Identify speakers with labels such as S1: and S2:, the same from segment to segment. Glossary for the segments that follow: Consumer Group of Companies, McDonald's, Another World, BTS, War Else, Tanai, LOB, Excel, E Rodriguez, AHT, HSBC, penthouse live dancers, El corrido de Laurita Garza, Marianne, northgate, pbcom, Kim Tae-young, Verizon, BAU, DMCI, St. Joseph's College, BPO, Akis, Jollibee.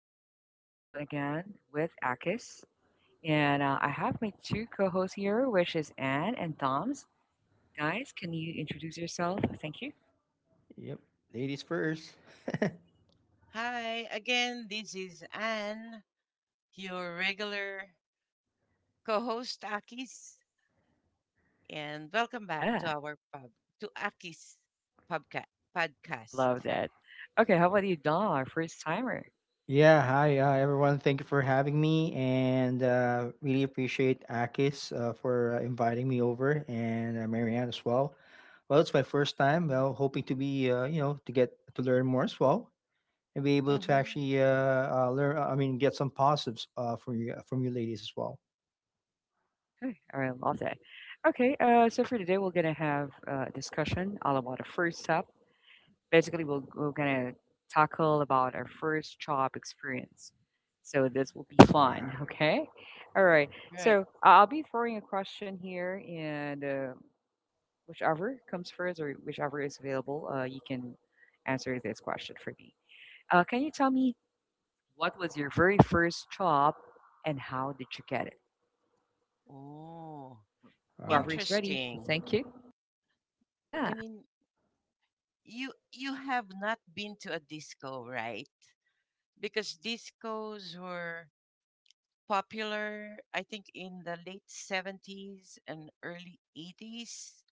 S1: just stepped into a chill zone again with Akis. And I have my two co hosts here, which is Anne and Toms. Guys, can you introduce yourself? Thank you.
S2: Yep. Ladies first.
S3: Hi again, this is Anne, your regular co-host Akis, and welcome back to
S1: Yeah,
S3: our pub to Akis pubca-
S1: I
S3: podcast.
S1: love that. Okay, how about you, Dom, our first timer?
S2: Yeah, hi, everyone. Thank you for having me, and really appreciate Akis for inviting me over, and Marianne as well. Well, it's my first time. Well, hoping to be, to get to learn more as well, and be able to
S3: Mm-hmm.
S2: actually learn. I mean, get some positives from you ladies as well.
S1: Okay, all right, I love that. Okay, so for today, we're going to have a discussion all about the first step basically we're gonna tackle about our first job experience, so this will be
S2: Wow.
S1: fun. Okay, all right,
S3: Right.
S1: so I'll be throwing a question here and whichever comes first or whichever is available, you can answer this question for me. Can you tell me, what was your very first job and how did you get it?
S3: Oh,
S1: Whoever
S2: Wow.
S1: is ready,
S3: interesting.
S1: thank you.
S3: I
S1: Yeah.
S3: mean, you have not been to a disco, right? Because discos were popular, I think, in the late 70s and early 80s.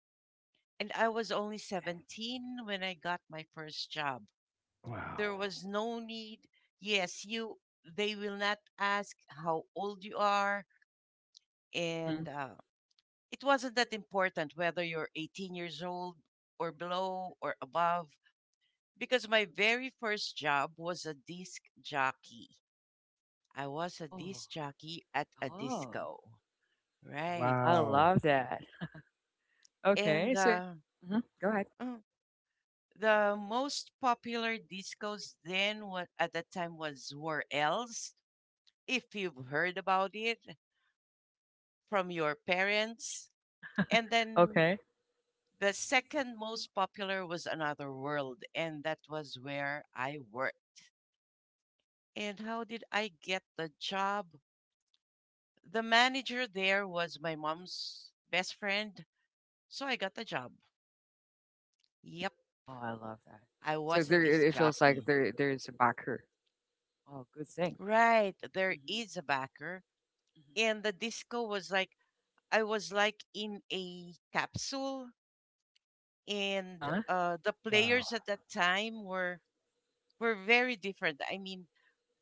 S3: And I was only 17 when I got my first job. There
S2: Wow.
S3: was no need. Yes, you they will not ask how old you are
S1: Mm-hmm.
S3: and it wasn't that important whether you're 18 years old or below or above, because my very first job was a disc jockey. I was a
S1: Oh,
S3: disc jockey at a
S1: oh,
S3: disco. Right.
S1: I
S2: Wow.
S1: love that. Okay,
S3: And
S1: so
S3: uh,
S1: mhm, go ahead.
S3: mm, the most popular discos then at that time was War Else, if you've heard about it from your parents. And then
S1: Okay.
S3: the second most popular was Another World, and that was where I worked. And how did I get the job? The manager there was my mom's best friend, so I got the job. Yep,
S1: Oh, I love that.
S3: I
S1: So
S3: was a
S1: there,
S3: disc
S1: it feels like
S3: jockey.
S1: there's a backer. Oh, good thing.
S3: Right, there
S1: Hmm,
S3: is a backer.
S1: hmm.
S3: And the disco was like, I was like in a capsule,
S1: Uh
S3: and
S1: huh.
S3: the
S2: Wow.
S3: players at that time were very different. I mean,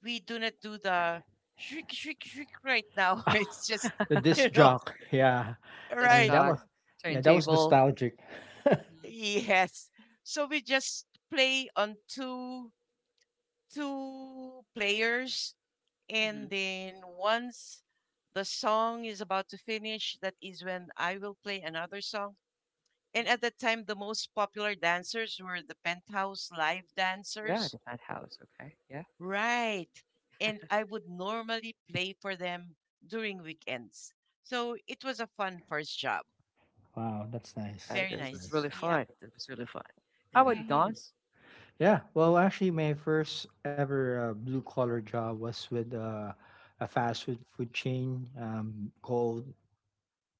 S3: we do not do the shriek, shriek, shriek right now. It's just
S2: The
S3: you
S2: disc
S3: know,
S2: jock, yeah.
S1: At
S2: I
S1: this
S2: mean,
S3: right?
S2: that
S1: chalk
S2: was, yeah, that was
S1: turntable.
S2: nostalgic.
S1: Hmm,
S3: Yes. So we just play on two players,
S1: hmm,
S3: and then once the song is about to finish, that is when I will play another song. And
S1: hmm.
S3: at that time, the most popular dancers were the penthouse live
S1: Yeah,
S3: dancers.
S1: the fat house. Okay. Yeah.
S3: Right. And I would normally play for them during weekends. So it was a fun first job.
S2: Wow, that's
S1: Yeah.
S2: nice.
S1: It,
S3: Very
S1: it
S2: That's
S1: was
S3: nice.
S2: nice.
S1: really
S3: Yeah.
S1: fun. It was really fun. How about you,
S2: Yeah.
S3: Mm-hmm.
S1: Don's?
S2: Yeah. Well, actually, my first ever blue collar job was with a fast food chain called.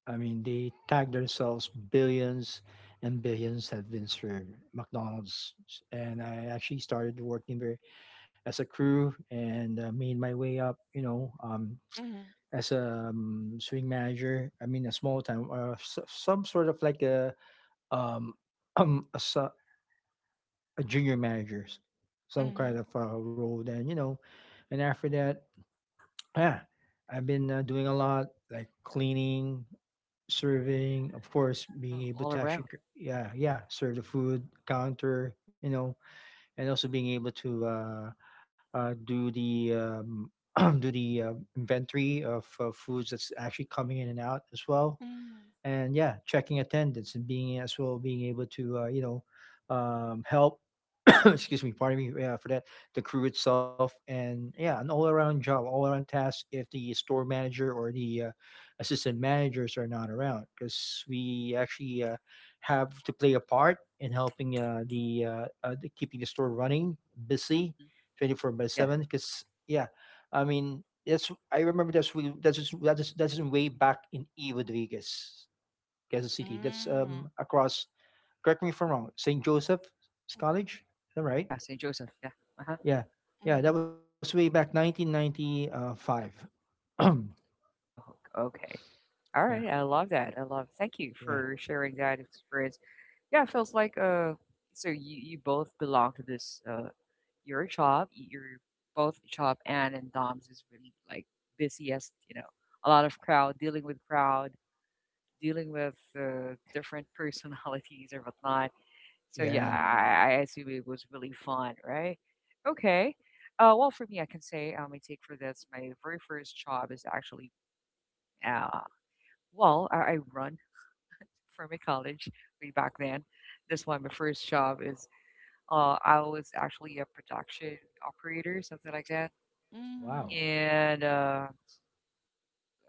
S2: I mean, they tag themselves billions and billions have been served McDonald's, and I actually
S1: Hmm.
S2: started working there as a crew and made my way up. You know,
S3: Mm-hmm.
S2: as a swing manager. I mean, a small time or some sort of like a um, um, a, s- a junior managers, some kind
S3: Mm-hmm.
S2: of role. Then you know, and after that, yeah, I've been doing a lot like cleaning, serving, of course, being
S1: Oh,
S2: able
S1: all
S2: to actually,
S1: around.
S2: yeah, yeah, serve the food counter, you know, and also being able to do the do the inventory of foods that's actually coming in and out as well and yeah, checking attendance and being as well being able to help. Excuse me, pardon me for that. The crew itself, and yeah, an
S1: Hmm,
S2: all-around job, all-around task. If the store manager or the assistant managers are not around, because we actually have to play a part in helping the keeping the store running, busy,
S1: hmm.
S2: 24 by
S1: Yeah.
S2: seven. Because yeah, I mean that's I remember that's we that's just- that's just- that's just way back in E Rodriguez. Kansas City. That's
S3: Mm-hmm.
S2: across. Correct me if I'm wrong. St. Joseph's College. Is that right?
S1: Yeah. St. Joseph. Yeah. Uh huh.
S2: Yeah, yeah. That
S3: Mm-hmm.
S2: was way back 1995.
S1: Oh, okay. All
S2: Yeah,
S1: right. I love that. I love. Thank you
S2: yeah,
S1: for sharing that experience. Yeah, it feels like. So you both belong to this uh, your job, your both job and Dom's is really like busiest, you know, a lot of crowd, dealing with different personalities or whatnot. So yeah,
S2: yeah.
S3: Mm-hmm.
S1: I assume it was really fun, right? Okay. Well, for me, I can say my take for this. My very first job is actually, uh, well, I run from a college way back then. This one, my first job is I was actually a production operator, something like that,
S2: Wow.
S3: Mm-hmm.
S1: and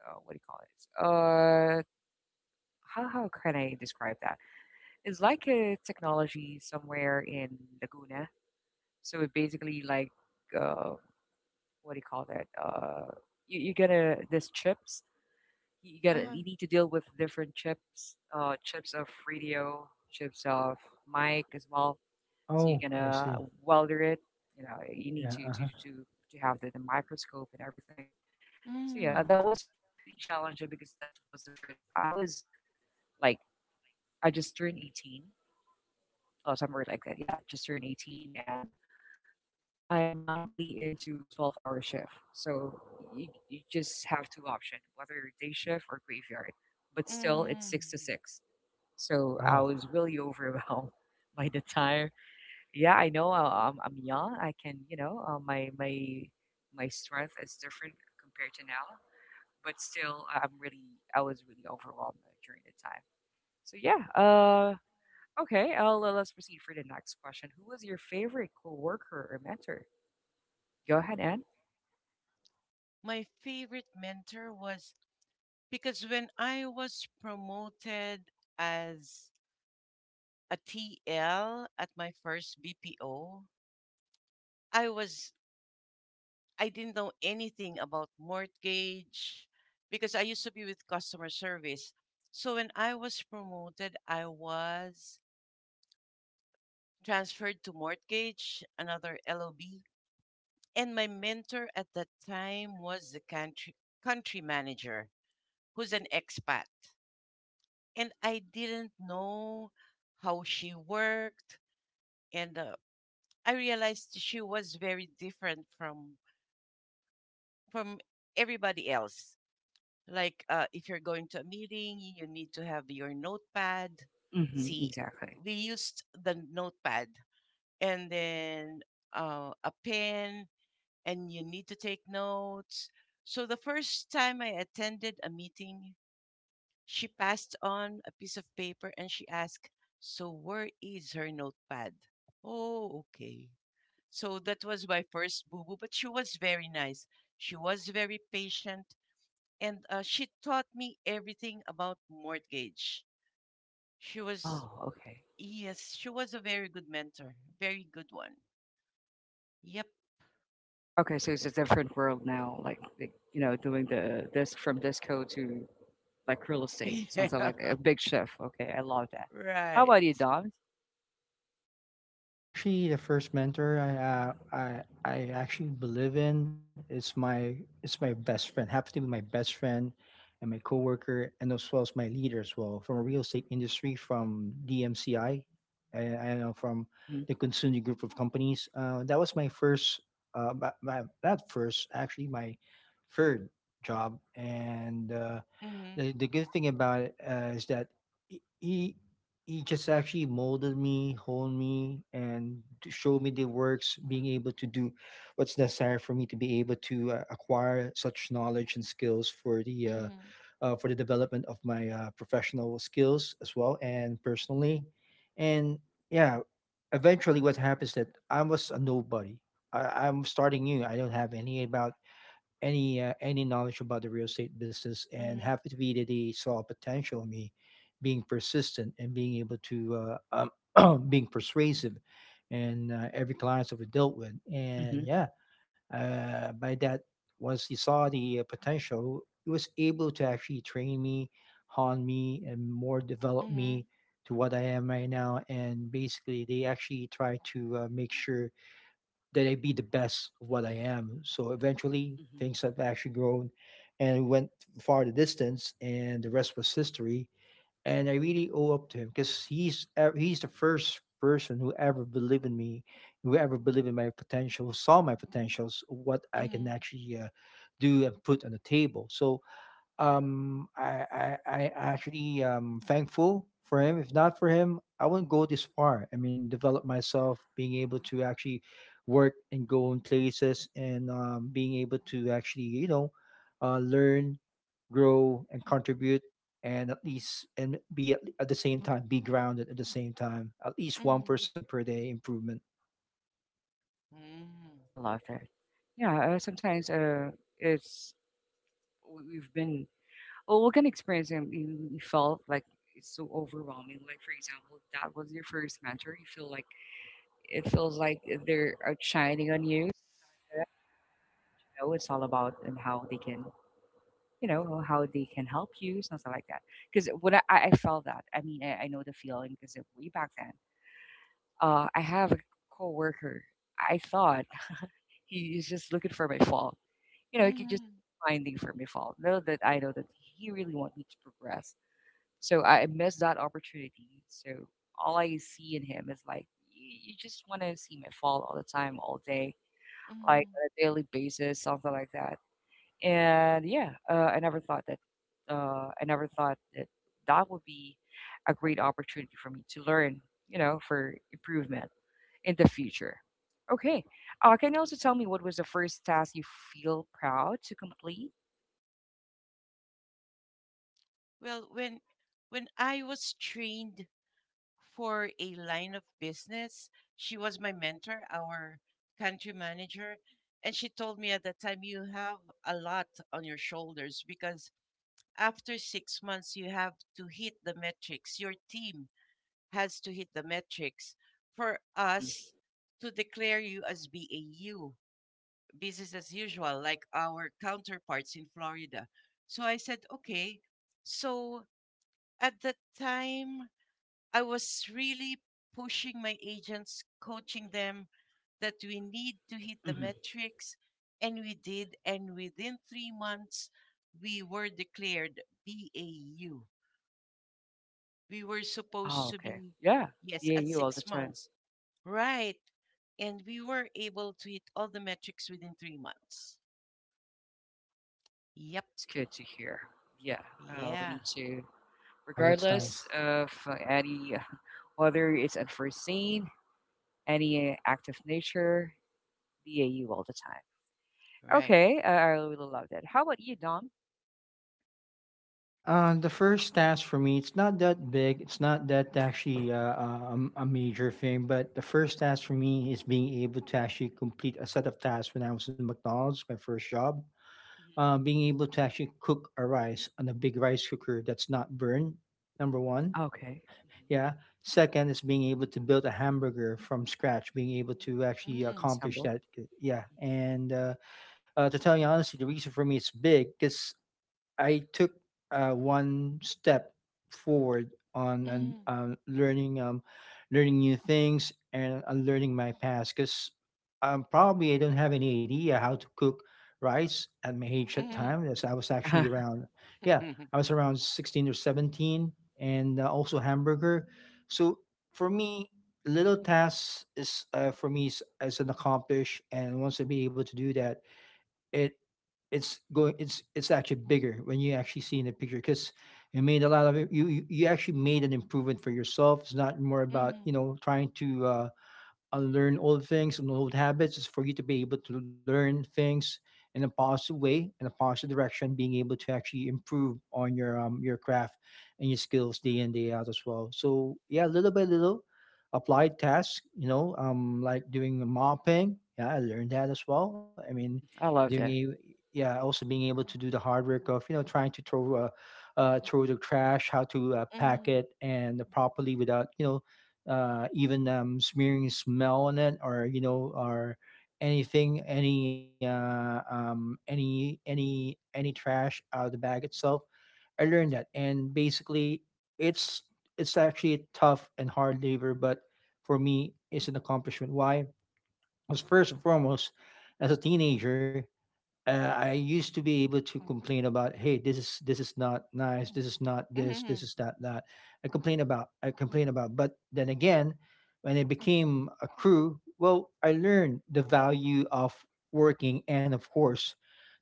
S1: what do you call it? Uh, how can I describe that? It's like a technology somewhere in Laguna. So it basically like uh, what do you call that? You get a this chips. You got to
S3: Uh,
S1: you need to deal with different chips, chips of radio, chips of mic as well. So
S2: Oh,
S1: you're
S2: I
S1: gonna
S2: see.
S1: welder it. You know, you need
S2: Yeah.
S1: to
S2: Uh
S1: to
S2: huh.
S1: to to have the microscope and everything. So yeah,
S2: Wow.
S3: mm
S1: that was pretty challenging because that was the first I was like I just turned 18 or somewhere like that. Yeah, just turned 18 and I'm not really into 12-hour shift. So you just have two options, whether you're day shift or graveyard. But still it's
S3: mm
S1: 6 to 6. So I
S2: Oh,
S1: was really overwhelmed by the time. Yeah, I know I'm young. I can, you know, my strength is different compared to now, but still, I was really overwhelmed during the time. So yeah, okay, let's proceed for the next question. Who was your favorite coworker or mentor? Go ahead, Anne.
S3: My favorite mentor was because when I was promoted as a TL at my first BPO, I was I didn't know anything about mortgage because I used to be with customer service. So when I was promoted, I was transferred to mortgage, another LOB, and my mentor at that time was the country manager, who's an expat. And I didn't know how she worked, and I realized she was very different from everybody else. Like, if you're going to a meeting, you need to have your notepad.
S1: Mm-hmm,
S3: See,
S1: exactly.
S3: we used the notepad, and then a pen, and you need to take notes. So the first time I attended a meeting, she passed on a piece of paper and she asked, "So where is her notepad?" Oh, okay. So that was my first boo boo, but she was very nice. She was very patient, and she taught me everything about mortgage. She was
S1: Oh, okay.
S3: yes, she was a very good mentor, very good one. Yep.
S1: Okay, so it's a different world now, like, you know, doing the this from disco to like real estate. Sounds
S3: Yeah.
S1: like a big shift. Okay, I love that. How
S3: Right.
S1: about you, Dom?
S2: actually, the first mentor I actually believe in is my best friend. Happens to be my best friend and my coworker, and as well as my leader as well from a real estate industry from DMCI, and I know from
S1: Mm-hmm.
S2: the Consumer Group of Companies. That was my first, my, my, that first actually my third job, and
S3: Mhm.
S2: the good thing about it is that he, he he just actually molded me, honed me, and to show me the works, being able to do what's necessary for me to be able to acquire such knowledge and skills
S3: Mhm.
S2: for the development of my professional skills as well and personally, and yeah, eventually what happens that I was a nobody. I'm starting new. I don't have any about any knowledge about the real estate business and
S3: Mhm.
S2: happy to be that they saw potential in me being persistent and being able to being persuasive and every client that we dealt with and
S1: Mm-hmm.
S2: yeah by that once he saw the potential he was able to actually train me hone me and more develop me
S3: Mhm.
S2: to what I am right now and basically they actually try to make sure that I be the best of what I am. So eventually
S1: Mm-hmm.
S2: things have actually grown and went far the distance and the rest was history. And I really owe up to him because he's the first person who ever believed in me, who ever believed in my potential, saw my potentials, what I can
S3: Mhm.
S2: actually do and put on the table. So I actually thankful for him. If not for him, I wouldn't go this far. I mean, develop myself, being able to actually work and go in places, and being able to actually, you know, learn, grow, and contribute, and at least and be at the same time be grounded at the same time. At least one
S3: Mhm.
S2: percent per day improvement.
S3: Mhm.
S1: I love that. Yeah, sometimes it's we've been. Well, what kind of experience you you felt like it's so overwhelming? Like, for example, that was your first mentor. You feel like it feels like they're outshining on you. So I know it's all about and how they can, you know, how they can help you, something like that. Because what I felt that, I mean, I know the feeling because way back then, I have a coworker. I thought he is just looking for my fault. You know, he could just
S3: Mhm.
S1: finding for my fault. Know that I know that he really want me to progress. So I missed that opportunity. So all I see in him is like you just want to see him fall all the time, all day, like
S3: Mhm.
S1: on a daily basis, something like that. And yeah, I never thought that. I never thought that that would be a great opportunity for me to learn, you know, for improvement in the future. Okay. Can you also tell me what was the first task you feel proud to complete?
S3: Well, when I was trained for a line of business. She was my mentor, our country manager. And she told me at that time, you have a lot on your shoulders because after 6 months, you have to hit the metrics. Your team has to hit the metrics for
S1: Hmm,
S3: us to declare you as BAU, business as usual, like our counterparts in Florida. So I said, okay. So at the time, I was really pushing my agents, coaching them that we need to hit the
S1: hmm.
S3: metrics. And we did. And within 3 months, we were declared BAU. We were
S1: Oh,
S3: supposed to
S1: okay.
S3: be,
S1: Yeah.
S3: yes, at
S1: BAU all the
S3: six
S1: time.
S3: months. Right. And we were able to hit all the metrics within 3 months. Yep.
S1: That's good to hear. Yeah, we
S3: Yeah.
S1: need to,
S2: Wow, that's
S1: regardless
S2: nice.
S1: of any, whether it's unforeseen, any act of nature, be a you all the time.
S3: Right.
S1: Okay, I really love that. How about you, Dom?
S2: Yeah, the first task for me, it's not that big. It's not that actually a major thing, but the first task for me is being able to actually complete a set of tasks when I was in McDonald's, my first job.
S1: Mhm.
S2: Being able to actually cook a rice on a big rice cooker that's not burned, number one.
S1: Okay, hmm,
S2: Yeah. Second is being able to build a hamburger from scratch, being able to actually
S3: Mm,
S1: it's
S2: accomplish
S1: humble.
S2: that. Yeah.
S1: Mhm.
S2: And to tell you honestly, the reason for me it's big because I took one step forward on and
S3: mm,
S2: learning learning new things and unlearning my past because probably I don't have any idea how to cook rice at my age at time.
S3: mm.
S2: Yes, I was actually around yeah I was around 16 or 17 and also hamburger. So for me, little tasks is for me is an accomplish and once I be able to do that. It it's going it's actually bigger when you actually see in the picture because you made a lot of it you actually made an improvement for yourself, it's not more about you
S3: Mhm,
S2: know trying to unlearn old things and old habits is for you to be able to learn things in a positive way in a positive direction being able to actually improve on your craft and your skills day in day out as well so yeah little by little applied tasks you know like doing mopping yeah I learned that as well I mean
S1: I
S2: doing
S1: love
S2: a
S1: that.
S2: yeah also being able to do the hard work of you know trying to throw throw the trash how to pack
S3: mhm,
S2: it and properly without you know even smearing smell on it or you know or anything any any trash out of the bag itself I learned that and basically it's it's actually tough and hard labor but for me it's an accomplishment why. Because first and foremost as a teenager I used to be able to complain about, hey, this is not nice,
S3: mhm,
S2: this
S3: mhm,
S2: is not that. I complain about. But then again, when it became a crew, well, I learned the value of working and of course,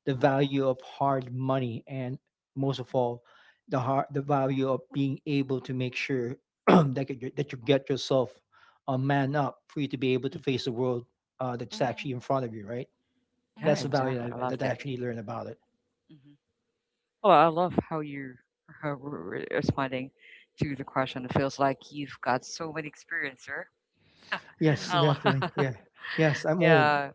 S2: the value of hard money and most of all, the value of being able to make sure that you get yourself a man up for you to be able to
S1: Hmm.
S2: face the world that's actually
S3: mhm,
S2: in front of you, right?
S1: Yeah,
S2: That's the
S3: mhm.
S2: value
S1: exactly. I
S2: I
S1: love
S2: that I
S1: that.
S2: actually learn about it.
S1: Hmm. Well, I love how you are responding to the question. It feels like you've got so many experience, sir.
S2: Yes,
S1: I
S3: Mhm.
S1: lo-
S2: definitely. Yeah. Yes, I'm old.
S1: yeah,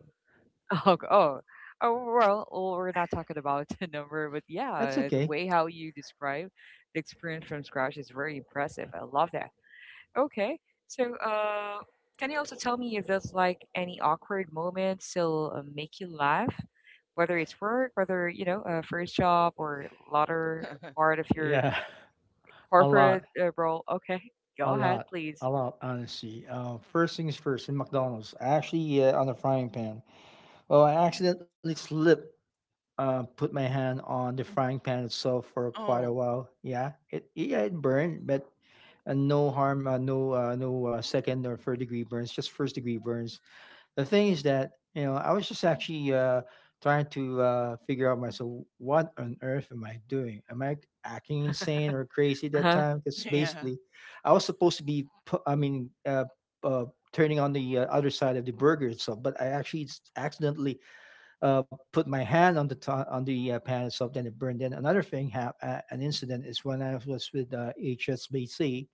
S1: oh, g- oh, oh, well, well, we're not talking about the number, but
S2: That's
S1: yeah, the
S2: okay.
S1: way how you describe the experience from scratch is very impressive. I love that. Okay, so can you also tell me if there's like any awkward moments still make you laugh, whether it's work, whether you know a first job or latter part of your
S2: Yeah, a
S1: corporate
S2: lot,
S1: role? Okay, go
S2: a
S1: ahead,
S2: lot,
S1: please.
S2: a lot. Honestly, first things first. In McDonald's, I actually on the frying pan. Well, I accidentally slipped. Put my hand on the frying pan itself for quite a
S3: Oh,
S2: while. Yeah, it burned, but no harm, no no second or third degree burns, just first degree burns. The thing is that you know I was just actually trying to figure out myself what on earth am I doing? Am I acting insane or crazy at
S1: Uh
S2: that
S1: huh.
S2: time? Because
S3: yeah.
S2: basically, I was supposed to I mean uh, turning on the other side of the burger itself, but I actually accidentally put my hand on on the pan itself, then it burned. Then another thing, an incident is when I was with HSBC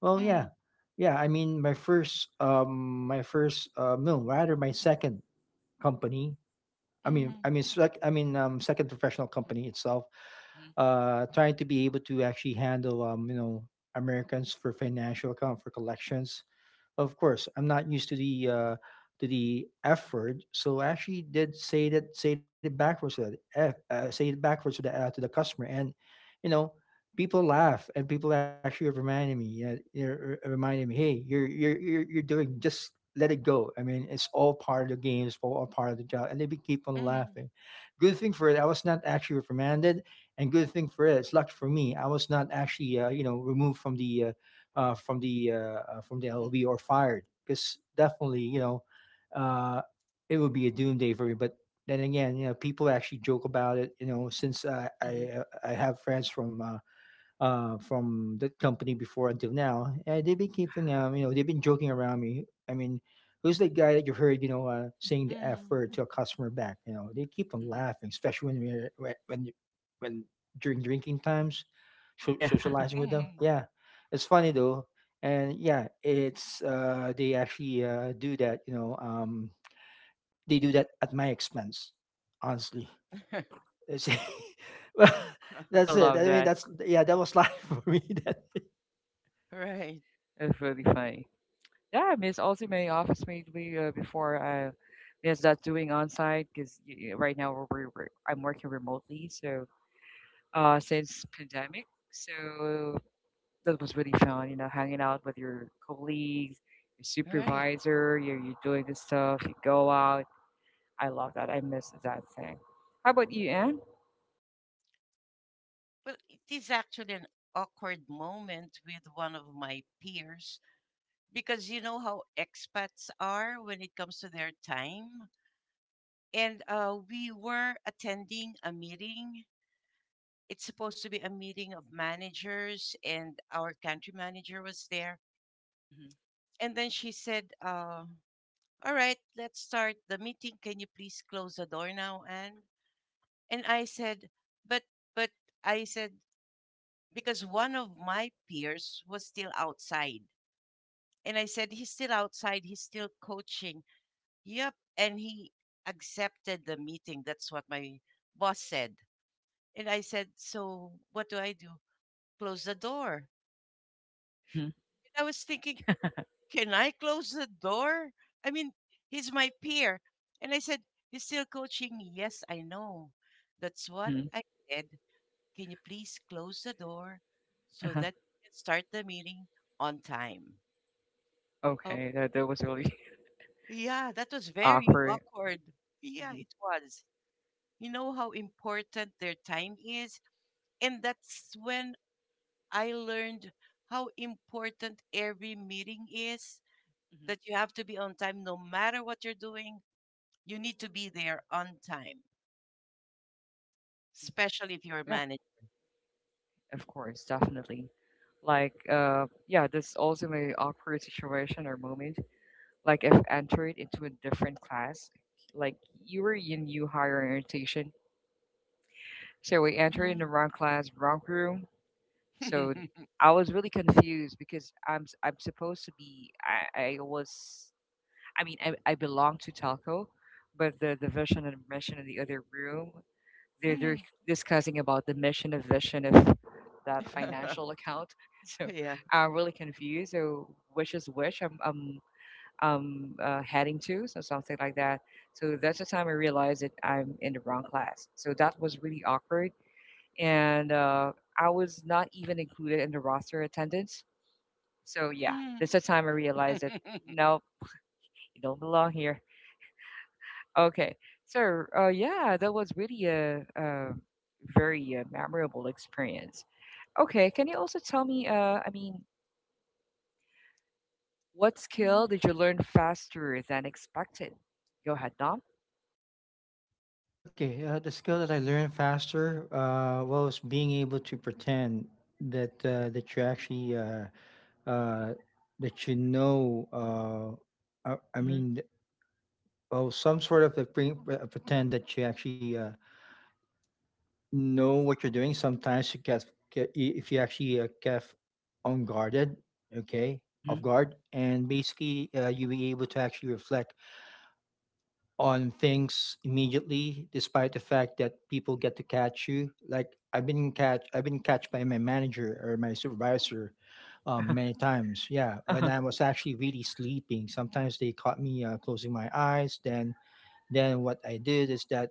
S2: well, yeah.
S3: Mhm.
S2: Yeah, I mean, my first, no, rather my second company.
S3: Mhm.
S2: Second professional company itself.
S1: Mm-hmm,
S2: Trying to be able to actually handle, you know, Americans for financial account for collections. Of course, I'm not used to the F word, so I actually did say that say it backwards to that F, say it backwards to the customer, and you know, people laugh and people actually reminded me, yeah, reminding me, hey, you're doing just let it go. I mean, it's all part of the game, it's all part of the job, and keep on
S3: Mhm.
S2: laughing. Good thing for it, I was not actually reprimanded, and good thing for it, it's luck for me, I was not actually removed from the from the
S1: mm-hmm,
S2: LLB or fired because definitely uh, it would be a doomsday for me. But then again, you know people actually joke about it. You know since
S1: mm-hmm,
S2: I have friends from that company before until now, and they've been keeping
S1: uh-huh,
S2: they've been joking around me. I mean, who's that guy that you heard, saying the F
S3: Mhm.
S2: word to a customer back? You know, they keep on
S1: mm-hmm.
S2: laughing, especially when we're when during drinking times,
S1: Yeah,
S2: socializing with them.
S3: Mhm.
S2: Yeah, it's funny though, and yeah, it's they actually do that. They do that at my expense, honestly. It's- well,
S1: I
S2: that's it.
S1: love
S2: I mean,
S1: that.
S2: that's yeah. That was life for me.
S3: Right.
S1: It's really funny. Yeah, miss also my office mate we before miss that doing on site because right now I'm working remotely, so since pandemic, so that was really fun, you know, hanging out with your colleagues your
S3: Right.
S1: supervisor you doing this stuff you go out. I love that. I miss that thing. How about you, Anne?
S3: Well, it is actually an awkward moment with one of my peers, because you know how expats are when it comes to their time. And we were attending a meeting. It's supposed to be a meeting of managers, and our country manager was there.
S1: Mm-hmm,
S3: And then she said, "All right, let's start the meeting. Can you please close the door now, Anne?" And I said, But, but, I said, because one of my peers was still outside. And I said, "He's still outside. He's still coaching." Yep. And he accepted the meeting. That's what my boss said. And I said, "So what do I do?" "Close the door."
S1: mm-hmm,
S3: And I was thinking, can I close the door? I mean, he's my peer. And I said, "You're still coaching? Yes, I know." That's what
S1: mm-hmm,
S3: I said. "Can you please close the door so
S1: uh-huh.
S3: that we can start the meeting on time?" Oh,
S1: Okay, that that was really
S3: yeah, that was very
S1: awkward.
S3: awkward. Yeah,
S1: Mm-hmm.
S3: it was. You know how important their time is? And that's when I learned how important every meeting is,
S1: Mm-hmm.
S3: that you have to be on time no matter what you're doing. You need to be there on time,
S1: Mm-hmm.
S3: especially if you're a
S1: Yeah.
S3: manager.
S1: Of course, definitely. Like, yeah, there's also my awkward situation or moment. Like, if entered into a different class. Like, you were in new higher orientation. So we entered in
S3: Mhm.
S1: the wrong class, wrong room. So I was really confused because I'm supposed to be I was, I mean I belong to telco, but the division and admission in the other room they're
S3: Mhm.
S1: discussing about the mission and vision of that financial account. So
S3: Yeah.
S1: I'm really confused. So which is which? I'm heading to so something like that. So that's the time I realized that I'm in the wrong class. So that was really awkward, and I was not even included in the roster attendance. So yeah,
S3: Mhm.
S1: that's the time I realized that no, you don't belong here. Okay, so yeah, that was really a very memorable experience. Okay, can you also tell me, I mean, what skill
S3: Mhm.
S1: did you learn faster than expected? Go ahead, Dom.
S2: Okay, the skill that I learned faster was being able to pretend that you actually uh, that you know.
S1: Mm-hmm.
S2: Some sort of a pretend that you actually know what you're doing. Sometimes you get I- if you actually get unguarded, okay,
S1: Mm-hmm.
S2: off guard, and basically you be able to actually reflect on things immediately despite the fact that people get to catch you like I've been catch by my manager or my supervisor many times, yeah. When
S1: Uh-huh.
S2: I was actually really sleeping sometimes, they caught me closing my eyes. Then what I did is that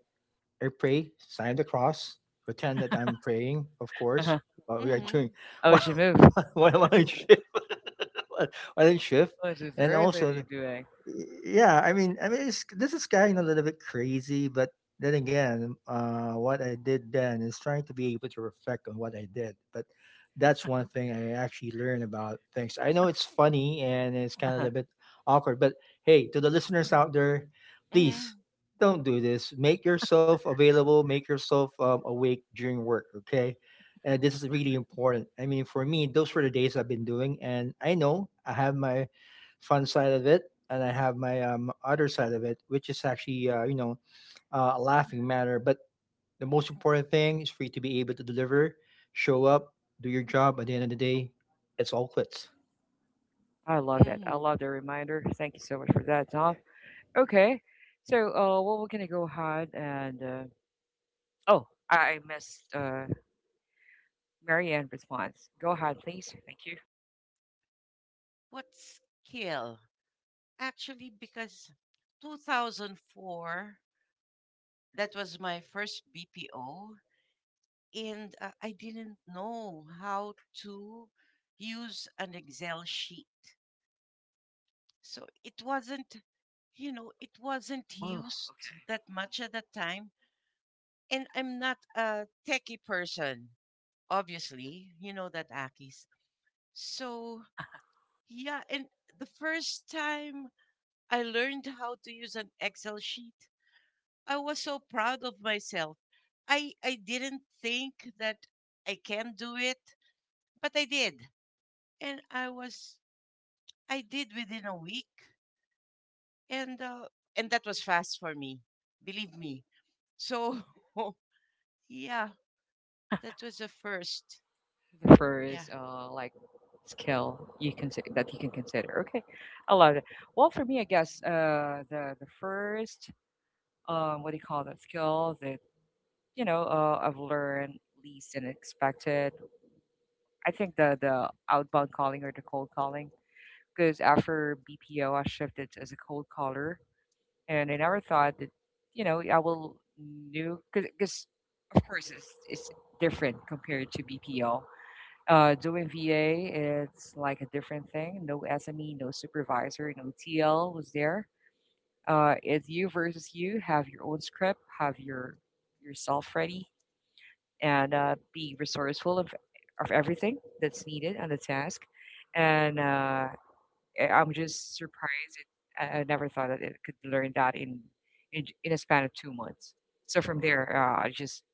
S2: I pray, sign the cross, pretend that I'm praying, of course.
S1: Uh-huh.
S2: What we are doing
S3: Mhm.
S1: How would
S2: what,
S1: you move?
S2: what am I shift? What am I shift?
S1: What is
S2: And
S1: earth are
S2: also,
S1: you doing?
S2: yeah, I mean, this is kind of a little bit crazy, but then again, what I did then is trying to be able to reflect on what I did. But that's one thing I actually learned about things. I know it's funny and it's kind of
S1: Uh-huh.
S2: a bit awkward, but hey, to the listeners out there, please
S3: Mhm.
S2: don't do this. Make yourself available, make yourself awake during work, okay? And this is really important. I mean, for me, those were the days I've been doing, and I know I have my fun side of it, and I have my other side of it, which is actually a laughing matter. But the most important thing is for you to be able to deliver, show up, do your job. At the end of the day, it's all quits.
S1: I love that. I
S3: Mhm.
S1: love the reminder. Thank you so much for that, Dom. Okay, so well, we're gonna go ahead and oh, I missed Marianne response. Go ahead, please. Thank you.
S3: What skill? Actually, because 2004, that was my first BPO, and I didn't know how to use an Excel sheet. So it wasn't
S1: Oh.
S3: used that much at that time. And I'm not a techie person, obviously. You know that, Akis. So, yeah, and the first time I learned how to use an Excel sheet, I was so proud of myself. I I didn't think that I can do it, but I did, and I did within a week, and uh, and that was fast for me, believe me. So yeah, that was the first.
S1: The
S3: Yeah.
S1: first like skill you can that you can consider, okay, I love it. Well, for me, I guess the first what do you call that skill that you know I've learned least and expected? I think the outbound calling or the cold calling, because after BPO I shifted as a cold caller, and I never thought that, you know, I will knew because of course it's different compared to BPO. Doing VA, it's like a different thing. No SME, no supervisor, no TL was there. It's you versus you. Have your own script. Have your yourself ready, and be resourceful of everything that's needed on the task. And I'm just surprised. I never thought that it could learn that in a span of 2 months. So from there, I just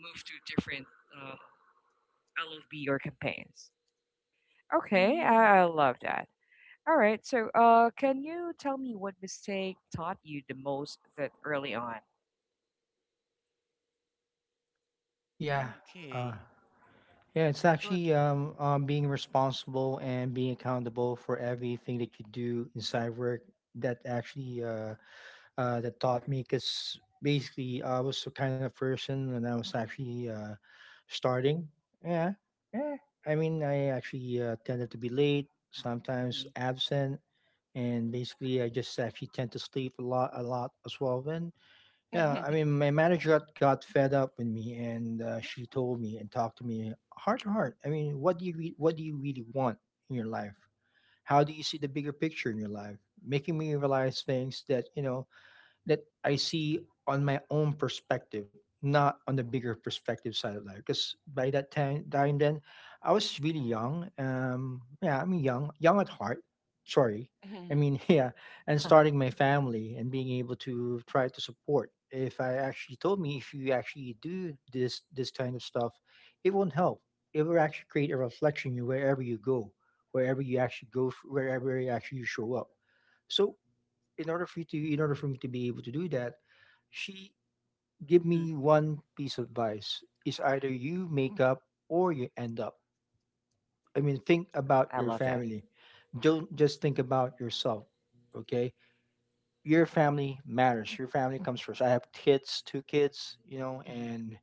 S1: moved to different uh, LFB or campaigns. Okay,
S3: Mhm.
S1: I love that. All right. So, can you tell me what mistake taught you the most that early on?
S2: Yeah, uh,
S3: Okay.
S2: yeah. It's
S3: Good.
S2: actually being responsible and being accountable for everything that you do inside work. That actually that taught me, because basically I was the kind of person when I was actually starting. yeah yeah I mean, I actually tended to be late, sometimes
S1: Mm-hmm.
S2: absent, and basically I just actually tend to sleep a lot, a lot as well. And yeah, I mean, my manager got fed up with me, and she told me and talked to me heart to heart. I mean, what do you really want in your life? How do you see the bigger picture in your life? Making me realize things that, you know, that I see on my own perspective, not on the bigger perspective side of life. Because by that time then, I was really young. Yeah, I mean, young, young at heart. Sorry, I
S3: Mhm.
S2: mean, yeah, and starting my family and being able to try to support. If I actually told me, if you actually do this kind of stuff, it won't help. It will actually create a reflection you wherever you go, wherever you actually go, wherever you actually show up. So in order for me to be able to do that, she gave
S1: Mm-hmm.
S2: me one piece of advice: is either
S1: Mm-hmm.
S2: you make up or you end up. I mean, think about
S1: I
S2: your
S1: love that.
S2: family. Don't just think about yourself. Okay, your family matters. Your family comes first. I have kids, two kids, you know,
S1: Mm-hmm.
S2: and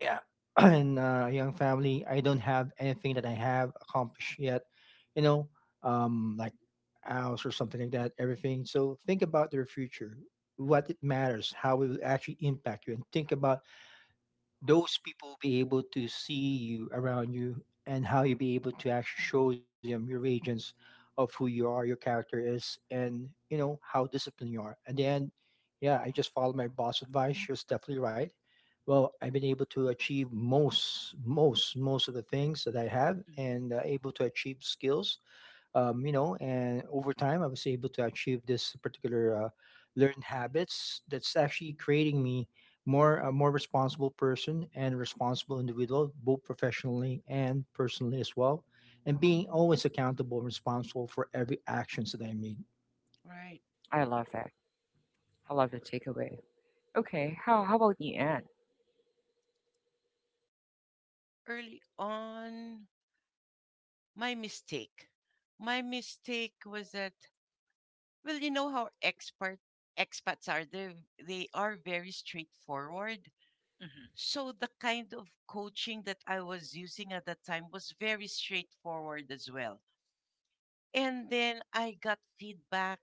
S2: yeah, and young family. I don't have anything that I have accomplished yet, you know, like house or something like that, everything. So think about their future, what it matters, how it will actually impact you, and think about those people will be able to see you around you, and how you'll be able to actually show them your agents of who you are, your character is, and you know how disciplined you are. And then, yeah, I just followed my boss' advice. She was definitely right. Well, I've
S1: Mm-hmm.
S2: been able to achieve most of the things that I have,
S1: Mm-hmm.
S2: and able to achieve skills, you know. And over time, I was able to achieve this particular learned habits that's actually creating me more responsible person and responsible individual, both professionally and personally as well, and being
S3: Mhm.
S2: always accountable and responsible for every actions that I made.
S3: Right.
S1: I love that. I love the takeaway. Okay. How about the end?
S3: Early on, my mistake. My mistake was that. Well, you know how expert expats are. They are very straightforward.
S1: Mm-hmm.
S3: So the kind of coaching that I was using at that time was very straightforward as well. And then I got feedback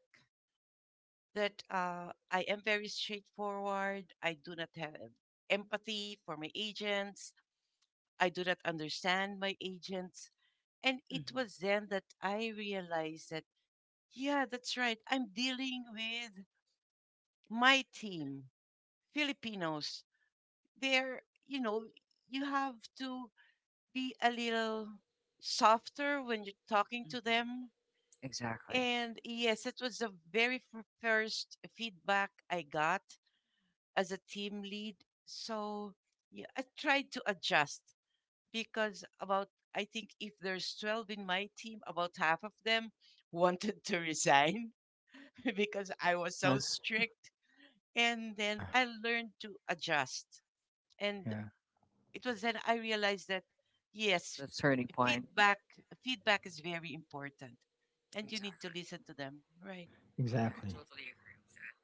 S3: that I am very straightforward. I do not have empathy for my agents. I do not understand my agents. And it
S1: Mm-hmm.
S3: was then that I realized that, yeah, that's right. I'm dealing with my team, Filipinos, they're, you have to be a little softer when you're talking to
S1: Mm-hmm.
S3: them.
S1: Exactly.
S3: And yes, it was the very first feedback I got as a team lead. So yeah, I tried to adjust because about, I think if there's 12 in my team, about half of them wanted to resign because I was
S1: Uh-huh.
S3: so strict. And then
S2: yeah
S3: I learned to adjust, and
S2: yeah
S3: it was then I realized that yes,
S1: The turning point.
S3: feedback feedback is very important, and you need to
S1: Exactly.
S3: listen to them. Right.
S1: Yeah, I
S2: exactly.
S1: totally agree with that.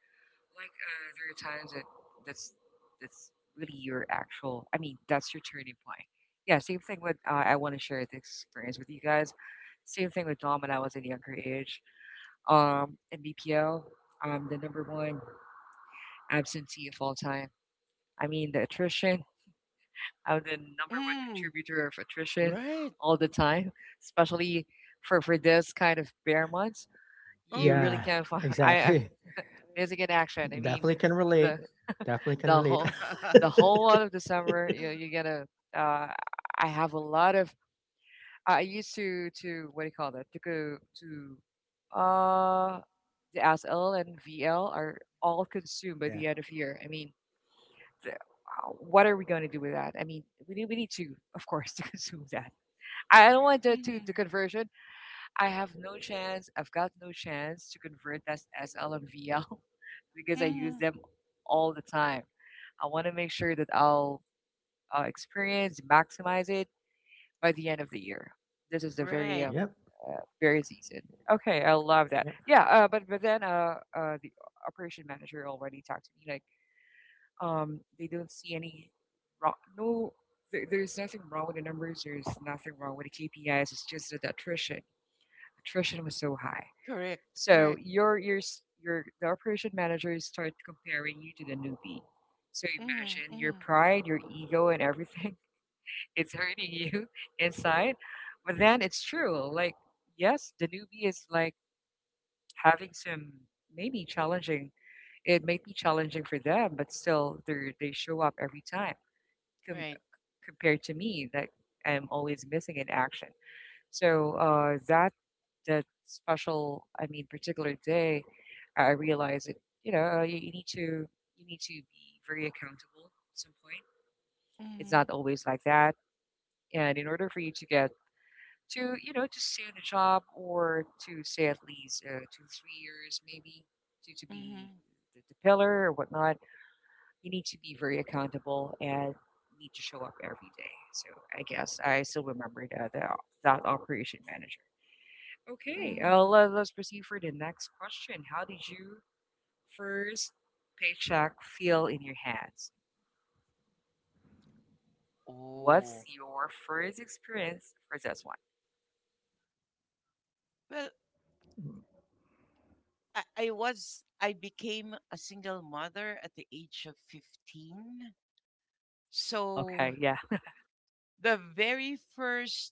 S1: Like, there are times that that's that's really your actual. I mean, that's your turning point. Yeah, same thing with. I want to share this experience with you guys. Same thing with Dom when I was a younger age. In BPL, I'm the number one absentee of all time. I mean, the attrition. I'm the number one
S3: Mm,
S1: contributor of attrition
S3: right.
S1: all the time, especially for this kind of bare months. You really
S3: Uh
S2: Yeah,
S1: can't find. I
S2: exactly.
S1: missing in action. I mean,
S2: Definitely can relate.
S1: the
S2: definitely can
S1: the
S2: relate
S1: whole
S3: huh.
S1: the whole lot of the summer you gotta uh I have a lot of I used to what do you call that, to go to the SL and VL are all consumed by
S2: yeah.
S1: the end of year. I mean, the, uh, what are we going to do with that? I mean, we need to, of course, to consume that. I don't want to
S3: Hmm,
S1: the conversion. I have no chance. I've got no chance to convert that SL and VL because I use
S3: hmm.
S1: them all the time. I want to make sure that I'll experience, maximize it by the end of the year. This is the very
S3: Right.
S2: yep,
S1: very season. Okay, I love that.
S2: yep.
S1: Yeah, but then the operation manager already talked to me like they don't see any wrong. No, there's nothing wrong with the numbers. There's nothing wrong with the KPIs. It's just that the attrition was so high.
S3: Correct.
S1: So
S3: Correct.
S1: your the operation managers start comparing you to the newbie. So
S3: Hmm,
S1: imagine your
S3: hmm.
S1: pride, your ego, and everything, it's hurting you inside. But then it's true. Like, yes, the newbie is like having some maybe challenging. It may be challenging for them, but still, they show up every time. Com-
S3: Right.
S1: Compared to me, that I'm always missing in action. So that that special, I mean, particular day, I realized that you need to you need to be very accountable at some point. It's
S3: Hmm,
S1: not always like that, and in order for you to get to, to stay on the job, or to say at least 2 3 years maybe, to be
S3: hmm,
S1: the pillar or whatnot, you need to be very accountable and need to show up every day. So I guess I still remember that that operation manager. Okay,
S3: hmm.
S1: let's proceed for the next question. How did you first paycheck feel in your hands? What's
S3: Oh.
S1: your first experience for this one?
S3: Well, I became a single mother at the age of 15. So
S1: Okay, yeah.
S3: the very first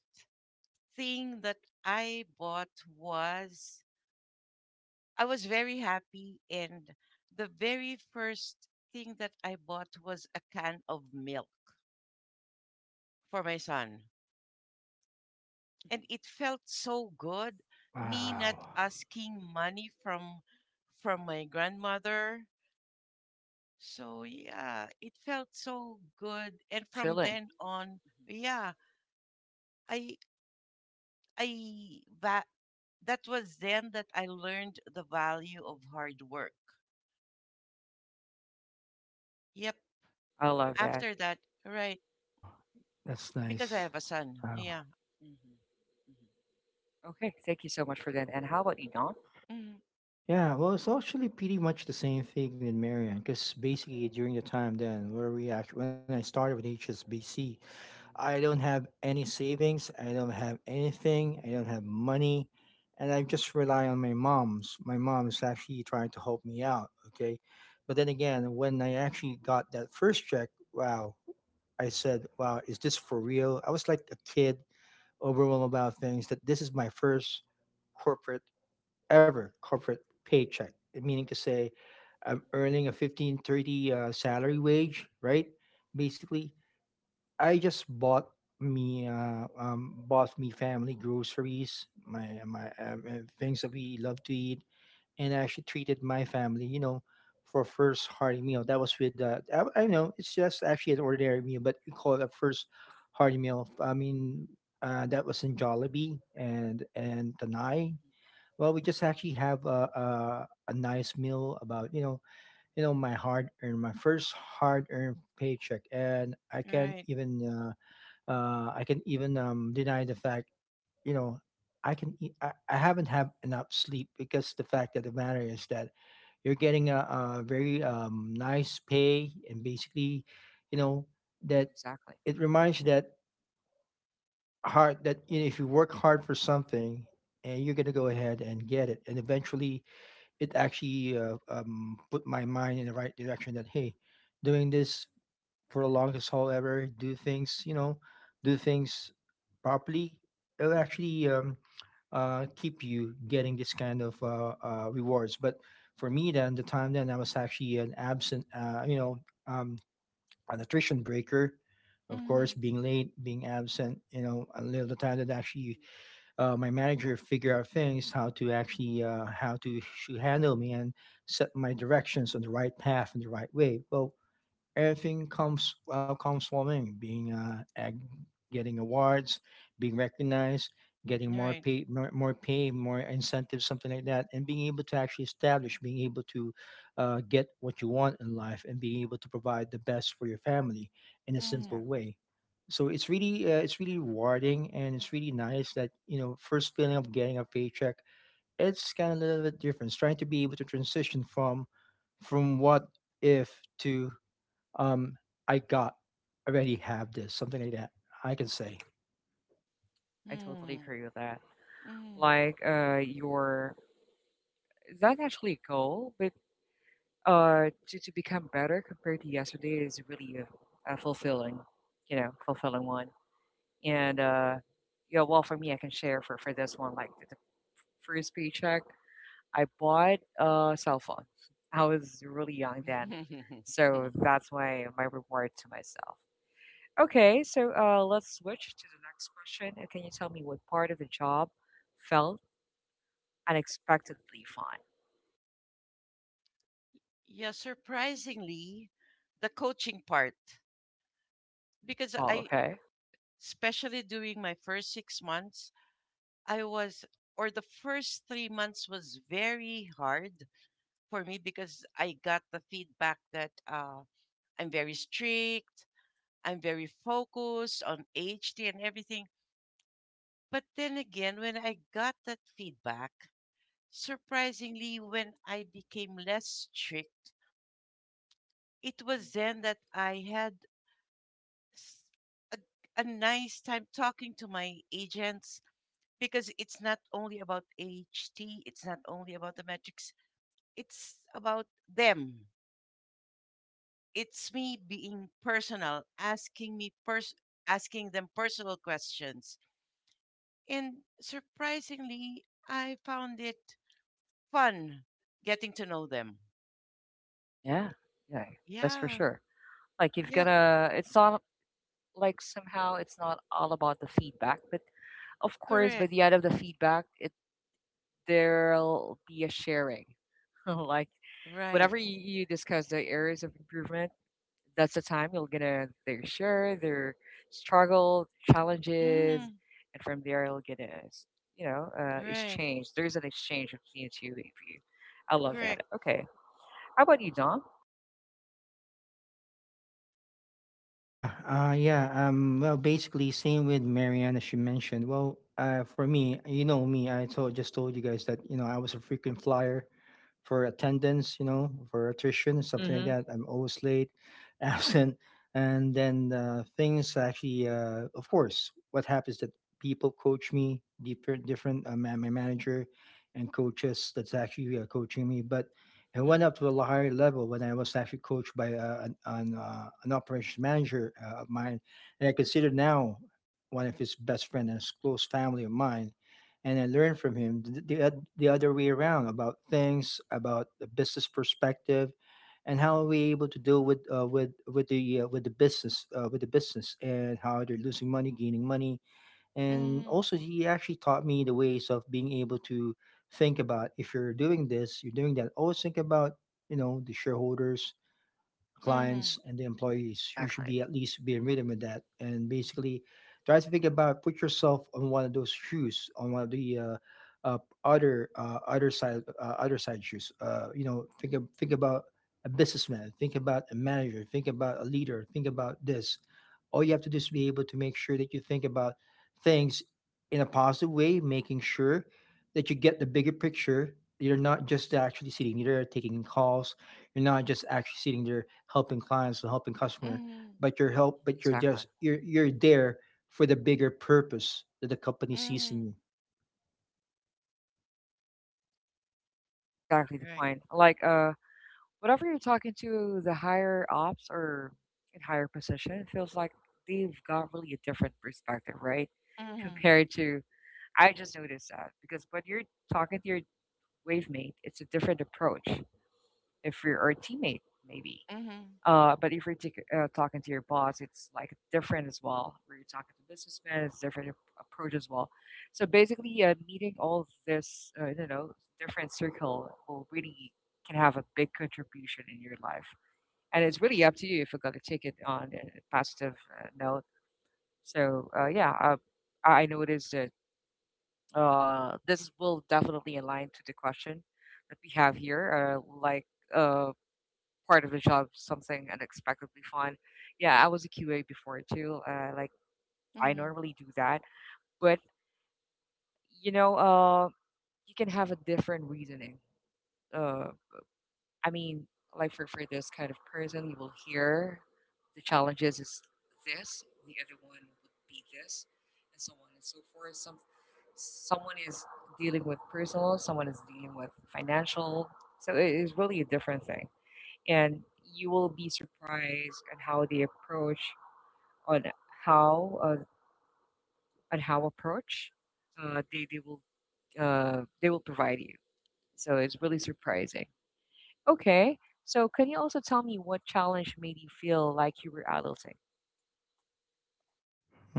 S3: thing that I bought was, I was very happy, and the very first thing that I bought was a can of milk for my son. And
S1: Mhm.
S3: it felt so good, me not
S2: Wow.
S3: asking money from my grandmother. So yeah, it felt so good. And from
S1: Fulfilling.
S3: then on,
S1: Mhm.
S3: yeah, I I that that was then that I learned the value of hard work. Yep.
S1: I love that.
S3: After that, right?
S2: wow that's
S3: Because I
S2: nice.
S3: have a son.
S2: Wow.
S3: Yeah.
S1: Okay, thank you so much for that. And how about you, Don?
S3: Mm,
S2: Yeah, well, it's actually pretty much the same thing with Marion. Because basically during the time then where we actually, when I started with HSBC, I don't have any savings, I don't have anything, I don't have money, and I just rely on my mom's. My mom is actually trying to help me out, okay? But then again, when I actually got that first check, wow, I said, wow, is this for real? I was like a kid overwhelmed about things that this is my first corporate, ever corporate paycheck, eh, meaning to say I'm
S1: Mhm,
S2: earning a 1530 salary wage, right? Basically, I just bought me family groceries, my things that we love to eat, and I actually treated my family, you know, for first hearty meal. That was with I know it's just actually an ordinary meal, but we call it a first hearty meal. I mean, that was in Jollibee and
S1: mhm,
S2: Tanai.
S1: mhm,
S2: Well, we just
S1: mhm.
S2: actually have a, a nice meal about, you know, you know, my hard earned, my first hard earned paycheck, and I can't
S3: right.
S2: even I can even deny the fact, you know, I haven't had enough sleep because the fact of the matter is that you're getting a very nice pay, and basically, you know, that
S1: Exactly,
S2: it reminds you that hard, that, you know, if you work hard for something and you're going to go ahead and get it, and eventually it actually put my mind in the right direction that hey, doing this for the longest haul ever, do things, you know, do things properly. It'll actually keep you getting this kind of rewards. But for me then, the time then, I was actually an absent um, an attrition breaker, of course,
S3: Mm,
S2: being late, being absent, you know, a little the time that actually my manager figure out things, how to actually handle me and set my directions on the right path and the right way. Well, everything comes well, comes from him being getting awards, being recognized, getting more
S3: right.
S2: pay, more pay, more incentives, something like that, and being able to actually establish, being able to get what you want in life and being able to provide the best for your family in a
S3: Mm,
S2: simple
S1: exactly.
S2: way. So it's really rewarding and it's really nice that, you know, first feeling of getting a paycheck, it's kind of a little bit different. It's trying to be able to transition from what if to um, I got, I already have this, something like that. I can say.
S1: Mhm. I totally agree with that.
S3: mm,
S1: Like, your that actually goal, but to become better compared to yesterday is really a fulfilling, you know, fulfilling one. And yeah, well, for me, I can share for this one. Like the first paycheck, I bought a cell phone. I was really young then,
S3: mm.
S1: so that's why my reward to myself. Okay, so let's switch to the next question. And can you tell me what part of the job felt unexpectedly fun?
S3: Yeah. Surprisingly, the coaching part, because
S1: Oh,
S3: I,
S1: okay.
S3: especially during my first 6 months, I was, or the first 3 months was very hard for me because I got the feedback that I'm very strict, I'm very focused on HT and everything. But then again, when I got that feedback, surprisingly, when I became less strict, it
S1: Hmm.
S3: was then that I had s- a, a nice time talking to my agents, because it's not only about AHT, it's not only about the metrics, it's about them. It's me being personal, asking them personal questions. And surprisingly, I found it fun getting to know them.
S1: Yeah, yeah, that's for
S3: Yeah.
S1: sure. Like you've
S3: Yep.
S1: gotta, it's not like somehow it's not all about the feedback, but of course, by the
S3: Correct.
S1: end of the feedback, it there'll be a sharing. Like
S3: Right.
S1: whenever you discuss the areas of improvement, that's the time you'll gonna their share their struggle, challenges,
S3: Mm-hmm.
S1: and from there you'll get to, you know,
S3: Right.
S1: exchange. There's an exchange between the two of you. I love that.
S3: Correct.
S1: Okay, how about you, Dom?
S2: Yeah, yeah. Well, basically, same with Marianne as she mentioned. Well, for me, you know me, I told just told you guys that, you know, I was a frequent flyer for attendance, you know, for attrition, something like
S1: Mm-hmm.
S2: that. I'm always late, absent, and then things actually, of course, what happens that people coach me, my manager and coaches that's actually coaching me, but it went
S1: Hmm.
S2: up to a higher level when I was actually coached by an operations manager of mine, and I consider now one of his best friend and his close family of mine, and I learned from him the other way around about things, about the business perspective, and
S1: Yeah,
S2: how are we able to deal with with the business with the business and how they're losing money, gaining money, and
S3: Mm-hmm.
S2: also he actually taught me the ways of being able to think about if you're doing this, you're doing that. Always think about you know the shareholders,
S3: Mm-hmm.
S2: clients and the employees. You should be
S1: exactly.
S2: at least be in rhythm with that. And basically,
S1: Hmm.
S2: try to think about put yourself on one of those shoes, on one of the uh, other other side, other side shoes. You know, think about a businessman, think about a manager, think about a leader, think about this. All you have to do is be able to make sure that you think about things in a positive way, making sure that you get the bigger picture. You're not just actually sitting there taking calls, you're not just actually sitting there helping clients and helping customer,
S3: Mm-hmm.
S2: but but you're
S1: Exactly,
S2: just you're there for the bigger purpose that the company sees in
S3: Mm-hmm.
S2: you.
S1: exactly the
S3: Right.
S1: point. Like whatever you're talking to the higher ops or in higher position, it feels like they've got really a different perspective, right?
S3: Mm-hmm.
S1: Compared to I just noticed that because when you're talking to your wavemate, it's a different approach. If you're or a teammate, maybe.
S3: Mm-hmm.
S1: But if you're talking to your boss, it's like different as well. Where you're talking to businessmen, it's different approach as well. So basically, meeting all of this, you know, different circle will really can have a big contribution in your life. And it's really up to you if you're going to take it on a positive note. So I noticed that this will definitely align to the question that we have here, like uh, part of the job, something unexpectedly fun. Yeah, I was a QA before too. Like I
S3: Mm-hmm.
S1: normally do that, but you know, you can have a different reasoning. Uh, I mean, like for this kind of person, you will hear the challenges is this, the other one would be this, and so on and so forth. Some someone is dealing with personal, someone is dealing with financial, so it is really a different thing, and you will be surprised on how they approach on how uh, on how approach uh, they they will they will provide you. So it's really surprising. Okay. So can you also tell me what challenge made you feel like you were adulting?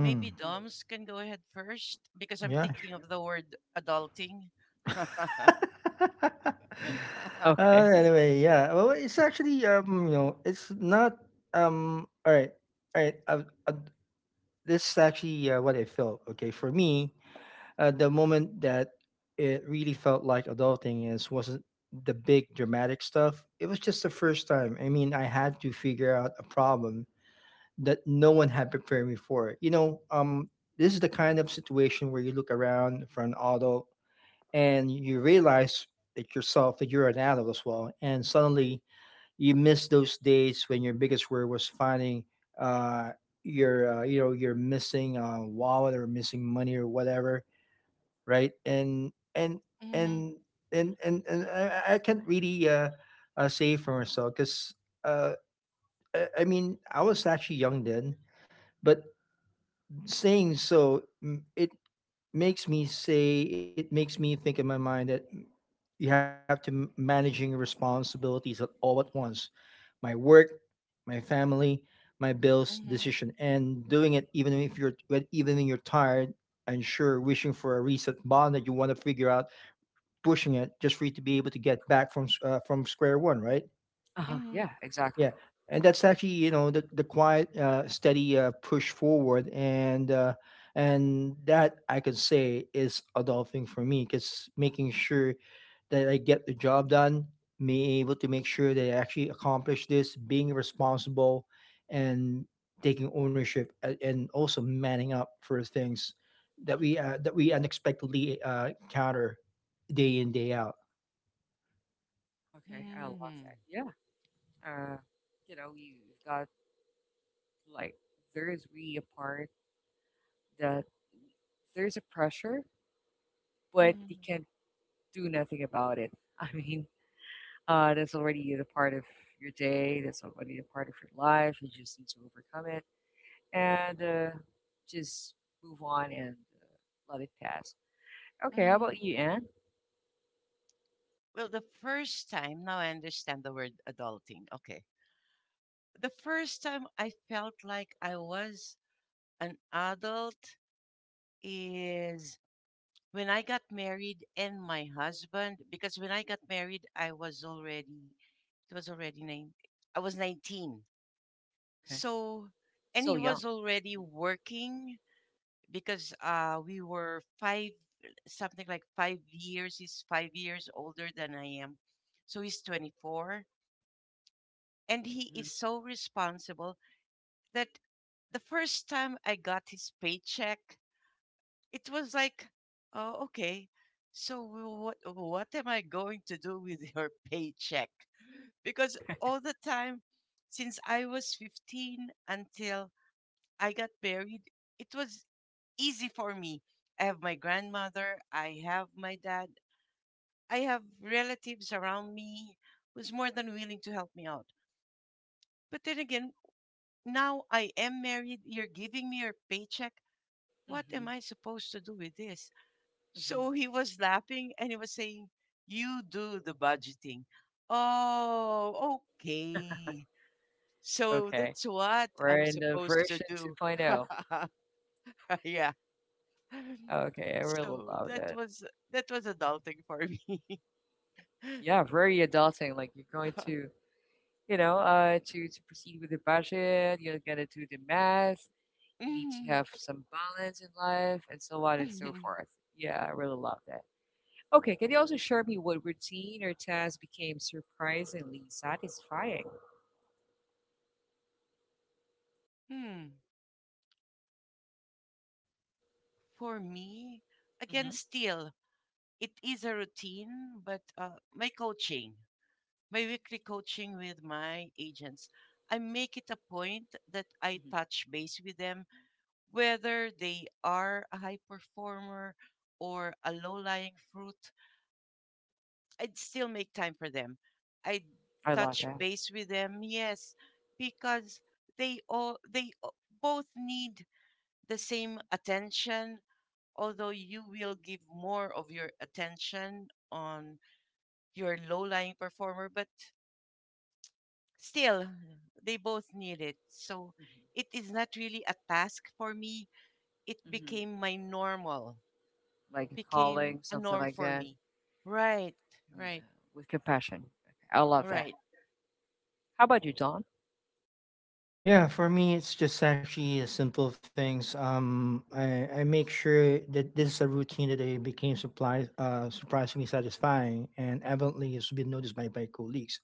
S3: Maybe Doms can go ahead first because I'm
S2: Yeah.
S3: thinking of the word adulting.
S1: Okay.
S2: Yeah. Well, it's actually you know, it's not. All right, all right. I, I, this is actually what I felt. Okay, for me, the moment that it really felt like adulting is wasn't the big dramatic stuff. It was just the first time. I mean, I had to figure out a problem that no one had prepared me for. You know, this is the kind of situation where you look around for an adult and you realize that yourself that you're an adult as well, and suddenly you miss those days when your biggest worry was finding uh, you know you're missing wallet or missing money or whatever, right?
S3: Mm-hmm.
S2: And and I can't really say for myself because uh, I mean I was actually young then, but saying so, it makes me say it makes me think in my mind that you have to managing responsibilities at all at once:
S1: Hmm.
S2: my work, my family, my bills
S3: Mm-hmm.
S2: decision, and doing it even if even when you're tired, and sure wishing for a reset button that you want to figure out, pushing it just for you to be able to get back from from square one, right?
S1: Uh-huh.
S3: Hmm,
S1: Yeah, exactly.
S2: Yeah, and that's actually you know the quiet, steady push forward, and that I could say is adulting for me because making sure that I get the job done, being able to make sure that I actually accomplish this, being responsible, and taking ownership, and also manning up for things
S1: Hmm.
S2: that we unexpectedly encounter day in day out.
S1: Okay, I love
S3: hmm,
S1: that. Yeah. Uh, you know, have got like there is really a part that there's a pressure, but you can't do nothing about it. I mean, that's already the part of your day. That's already a part of your life. You just need to overcome it and just move on and let it pass. Okay, how
S3: hmm.
S1: about you, Anne?
S3: Well, the first time, now I understand the word adulting. Okay. The first time I felt like I was an adult is when I got married and my husband, because when I got married, I was already, it was already nine, I was 19.
S1: Okay.
S3: So, and
S1: Still
S3: he
S1: young.
S3: was already working because something like 5 years, he's 5 years older than I am. So he's 24. And
S1: Hmm,
S3: he is
S1: hmm.
S3: so responsible that the first time I got his paycheck, it was like, oh, okay. So what am I going to do with your paycheck? Because
S1: Okay.
S3: all the time since I was 15 until I got married, it was easy for me. I have my grandmother, I have my dad, I have relatives around me who's more than willing to help me out. But then again, now I am married, you're giving me your paycheck. What
S1: Hmm,
S3: am I supposed to do with this?
S1: hmm.
S3: So he was laughing and he was saying, You do the budgeting. Oh, okay. So
S1: Okay.
S3: that's what
S1: We're
S3: I'm
S1: in the
S3: supposed to
S1: version
S3: do.
S1: 2.0.
S3: Yeah.
S1: Okay, I really
S3: So
S1: love
S3: that
S1: that.
S3: was that was adulting for me.
S1: Yeah, very adulting. Like you're going to, you know, to proceed with the budget. You're gonna do the math. You need to
S3: Mhm,
S1: have some balance in life, and so on and so
S3: mhm.
S1: forth. Yeah, I really love that. Okay, can you also share me what routine or task became surprisingly satisfying?
S3: hmm. For me, again,
S1: Hmm.
S3: still, it is a routine, but my coaching. My weekly coaching with my agents, I make it a point that I
S1: Hmm.
S3: touch base with them, whether they are a high performer or a low lying fruit. I'd still make time for them. I
S1: I love
S3: touch
S1: that.
S3: base with them, yes, because they all they o- both need the same attention, although you will give more of your attention on your low lying performer, but still, they both need it, so it is not really a task for me, it
S1: Hmm.
S3: became my normal,
S1: Like a calling,
S3: became a
S1: something
S3: norm
S1: like
S3: for
S1: that.
S3: me. Right,
S1: Yeah,
S3: right,
S1: with compassion. Okay, I love that.
S3: right.
S1: How about you, Don?
S2: Yeah, for me, it's just actually a simple things. I make sure that this is a routine that I became surprisingly satisfying and evidently has been noticed by my colleagues.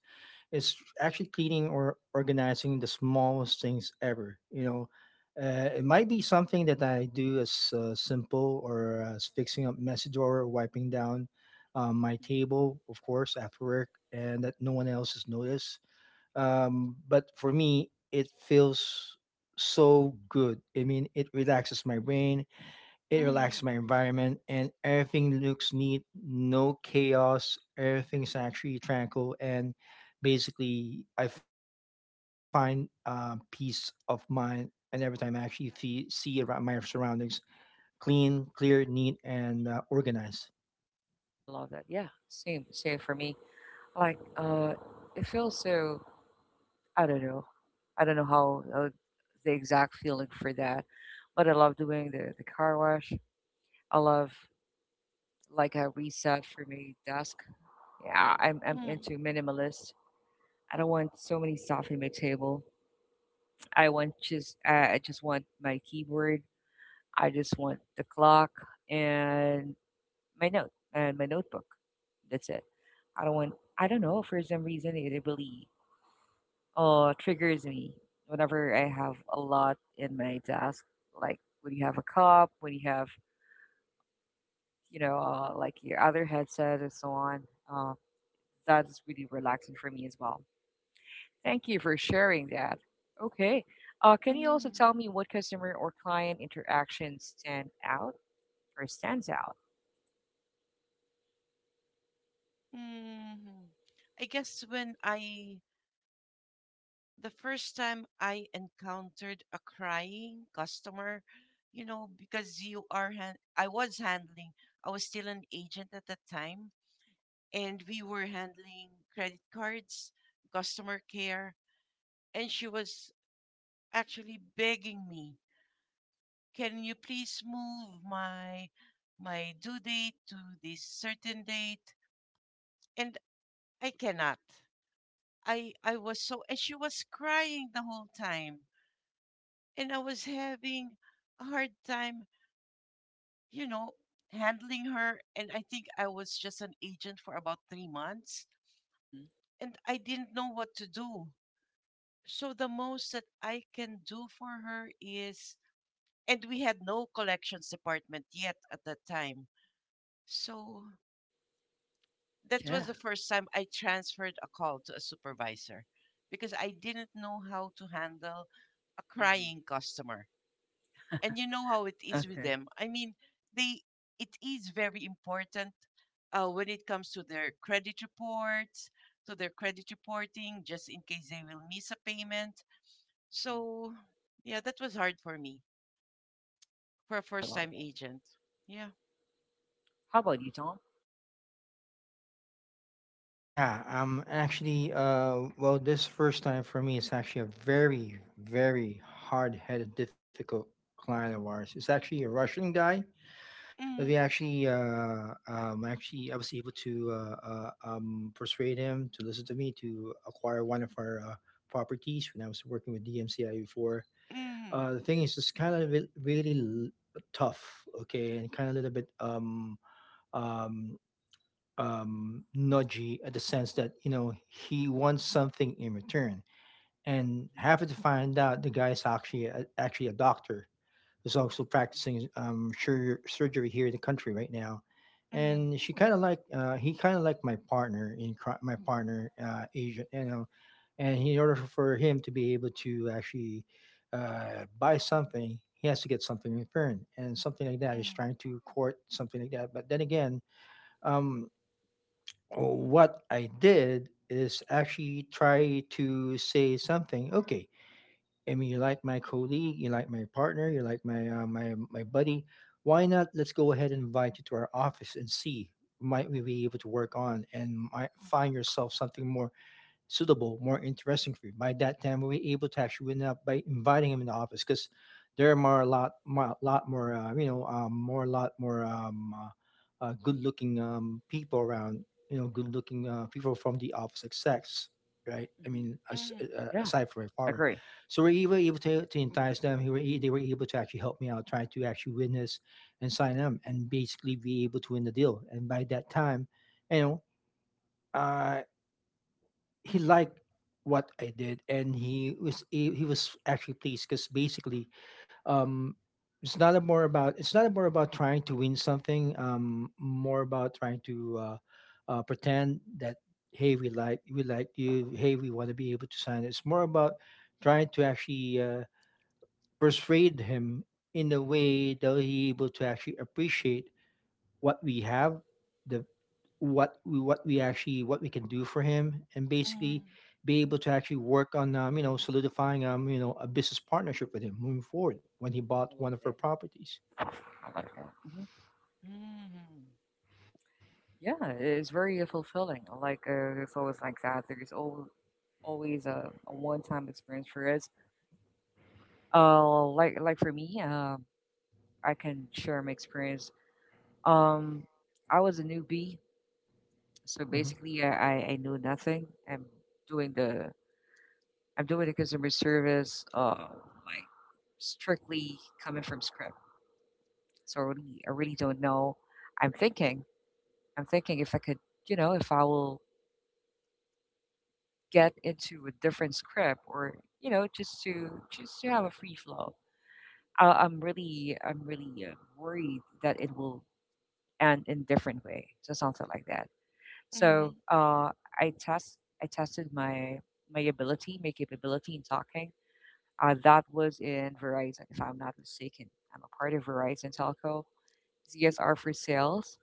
S2: It's actually cleaning or organizing the smallest things ever. You know, it might be something that I do as simple or as fixing up messy drawer or wiping down my
S1: Mm-hmm.
S2: table, of course, after work, and that no one else has noticed, but for me, it feels so good. I mean, it relaxes my brain, it
S3: Mm,
S2: relaxes my environment, and everything looks neat, no chaos. Everything's actually tranquil, and basically, I find peace of mind. And every time I actually see around my surroundings clean, clear, neat, and organized.
S1: I love that. Yeah, same, same for me. Like, it feels so. I don't know. I don't know how the exact feeling for that, but I love doing the car wash. I love like a reset for me. Desk. Yeah, I'm
S3: mm,
S1: into minimalist. I don't want so many stuff in my table. I want just I just want my keyboard. I just want the clock and my note and my notebook. That's it. I don't want. I don't know. For some reason, it really triggers me whenever I have a lot in my desk. Like when you have a cup, when you have you know like your other headset and so on. Uh, that is really relaxing for me as well. Thank you for sharing that. Okay. Can you also
S3: mm,
S1: tell me what customer or client interaction stand out or stands out?
S3: mm. I guess when I the first time I encountered a crying customer, because you are han- I was handling I was still an agent at the time, and we were handling credit cards, customer care, and she was actually begging me, "Can you please move my due date to this certain date?" And I cannot. I was so, and she was crying the whole time, and I was having a hard time, you know, handling her, and I think I was just an agent for about 3 months,
S1: Mhm.
S3: and I didn't know what to do. So the most that I can do for her is, and we had no collections department yet at that time. So that was the first time I transferred a call to a supervisor because I didn't know how to handle a
S1: Mhm.
S3: crying customer. And you know how it is with
S1: Okay.
S3: them. I mean, they it is very important when it comes to their credit reports, to their credit reporting, just in case they will miss a payment.
S1: Mhm.
S3: So, yeah, that was hard for me for a
S1: I
S3: first
S1: love
S3: time
S1: that.
S3: agent. Yeah.
S1: How about you, Tom?
S2: Yeah, well, this first time for me is actually a very, very hard-headed, difficult client of ours. It's actually a Russian guy that
S3: Mm,
S2: actually, I was able to persuade him to listen to me to acquire one of our properties when I was working with DMCI before.
S3: mm,
S2: The thing is, it's kind of really tough, okay, and kind of a little bit um, nudgy at the sense that you know he wants something in return, and
S1: Mhm.
S2: happy to find out the guy is actually a doctor who's also practicing surgery here in the country right now,
S3: mm,
S2: and she kind of like he kind of like my my partner Asian, you know, and in order for him to be able to actually buy something. He has to get something in return, and something like that is
S3: mm,
S2: trying to court something like that. But then again, um, what I did is actually try to say something. Okay, I mean, you like my colleague, you like my partner, you like my buddy. Why not? Let's go ahead and invite you to our office and see might we be able to work on and might find yourself something more suitable, more interesting for you. By that time, we were able to actually win up by inviting him in the office because there are more a lot more, you know, more a lot more good-looking people around. You know, good-looking people from the opposite sex, right? I
S1: Mhm.
S2: mean, as,
S3: mm,
S1: Yeah,
S2: aside from my
S1: I
S2: father,
S1: agree.
S2: so we were able to entice them. They were able to actually help me out, try to actually win this and sign them, and basically be able to win the deal. And by that time, you know, uh, he liked what I did, and he was actually pleased because basically, um, it's not a more about it's not more about trying to win something, more about trying to pretend that hey we like you, hey we want to be able to sign it. It's more about trying to actually persuade him in a way that he able to actually appreciate what we
S1: Mhm.
S2: have, the what we actually what we can do for him, and
S3: mm,
S2: basically be able to actually work on, you know, solidifying, um, you know, a business partnership with him moving forward when he bought
S1: I
S2: one
S1: love
S2: of her
S1: that.
S2: properties.
S1: I like that. Hmm.
S3: mm,
S1: Yeah, it's very fulfilling. I like it's always like that. There's al Always a one-time experience for us. Like for me, I can share my experience. Um, I was a newbie, so
S2: Hmm.
S1: basically I knew nothing. Doing the I'm doing the customer service. Like strictly coming from scratch. So I really don't know. I'm thinking, I'm thinking if I could, you know, if I will get into a different script or, you know, just to have a free flow. I'm really, I'm really worried that it will end in different way. So something like that. So
S3: mm,
S1: I test, I tested my my ability, my capability in talking. That was in Verizon, if I'm not mistaken. I'm a part of Verizon Telco. CSR for sales.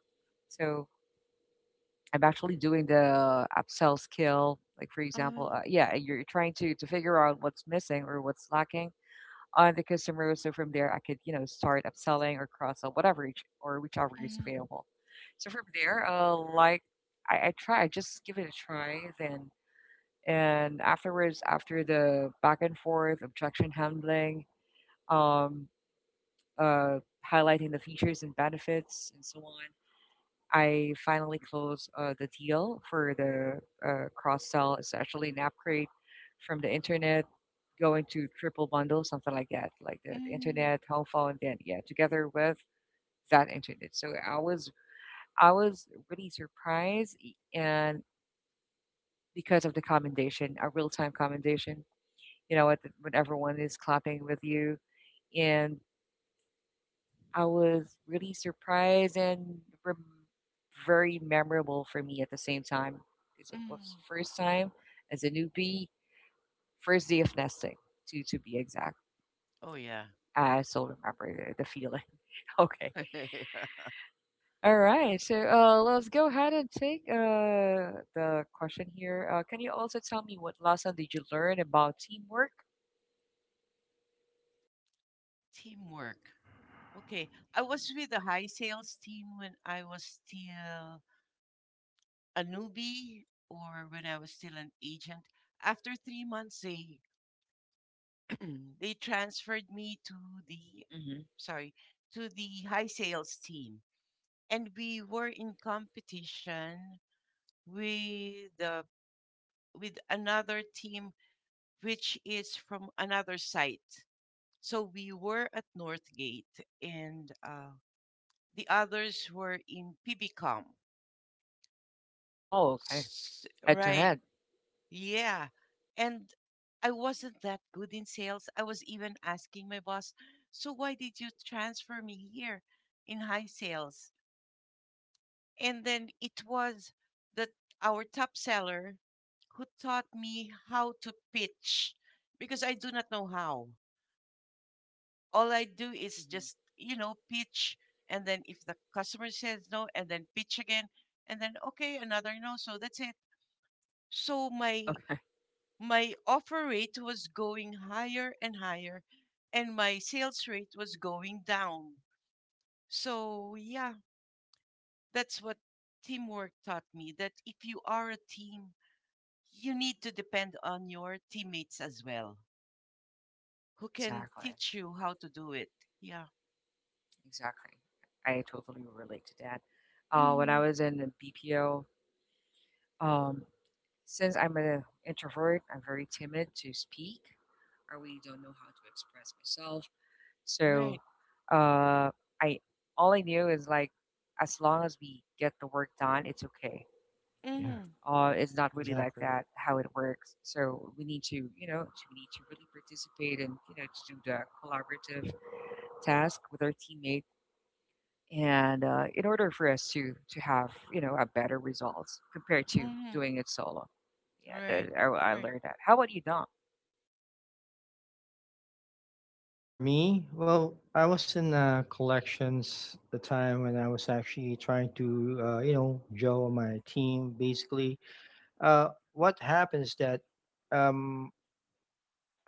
S1: So I'm actually doing the upsell skill. Like for example,
S3: uh,
S1: yeah, you're trying to figure out what's missing or what's lacking on the customer. So from there, I could you know start upselling or cross sell whatever each, or whichever is
S3: mm,
S1: available. So from there, like I try, I just give it a try. Then and afterwards, after the back and forth, objection handling, um, uh, highlighting the features and benefits and so on. I finally closed the deal for the cross sell, essentially an upgrade from the internet going to triple bundle, something like that, like the
S3: mm,
S1: internet, home phone, then yeah, together with that internet. So I was really surprised, e- and because of the commendation, a real time commendation, you know, at the- when everyone is clapping with you, and I was really surprised and very memorable for me at the same time because it was
S3: mm.
S1: first time as a newbie, first day of nesting to be exact.
S3: Oh, yeah.
S1: I still remember the feeling. Okay, all right. So let's go ahead and take the question here. Can you also tell me what lesson did you learn about teamwork?
S3: Teamwork. Okay. I was with a high sales team when I was still a newbie or when I was still an agent. After 3 months, they they transferred me to the,
S1: Hmm.
S3: sorry, to the high sales team, and we were in competition with the with another team, which is from another site, so we were at Northgate and the others were in PBCom.
S1: Oh, okay. Head to
S3: Right.
S1: head.
S3: Yeah. And I wasn't that good in sales. I was even asking my boss, so why did you transfer me here in high sales? And then it was that our top seller who taught me how to pitch because I do not know how. All I do is
S1: Mhm.
S3: just, pitch. And then if the customer says no, and then pitch again, and then okay, another no. So that's it. So my
S1: Okay,
S3: my offer rate was going higher and higher, and my sales rate was going down. So, yeah, that's what teamwork taught me, that if you are a team, you need to depend on your teammates as well, who can
S1: exactly.
S3: teach you how to do it. Yeah.
S1: Exactly. I totally relate to that. When I
S3: Hmm.
S1: was in the BPO, um, since I'm an introvert, I'm very timid to speak. I really don't know how to express myself. So,
S3: Right.
S1: uh, I all I knew is like, as long as we get the work done, it's okay.
S2: Yeah,
S3: Hmm.
S1: It's not really like
S2: exactly.
S1: that how it works. So we need to, you know, we need to really participate and you know to do the collaborative task with our teammates and in order for us to have you know a better results compared to
S3: Hmm.
S1: doing it solo. Yeah,
S3: Right.
S1: the I
S3: Right.
S1: learned that. How about you, Dom?
S2: For me, well, I was in collections the time when I was actually trying to you know joe my team basically. What happens that um,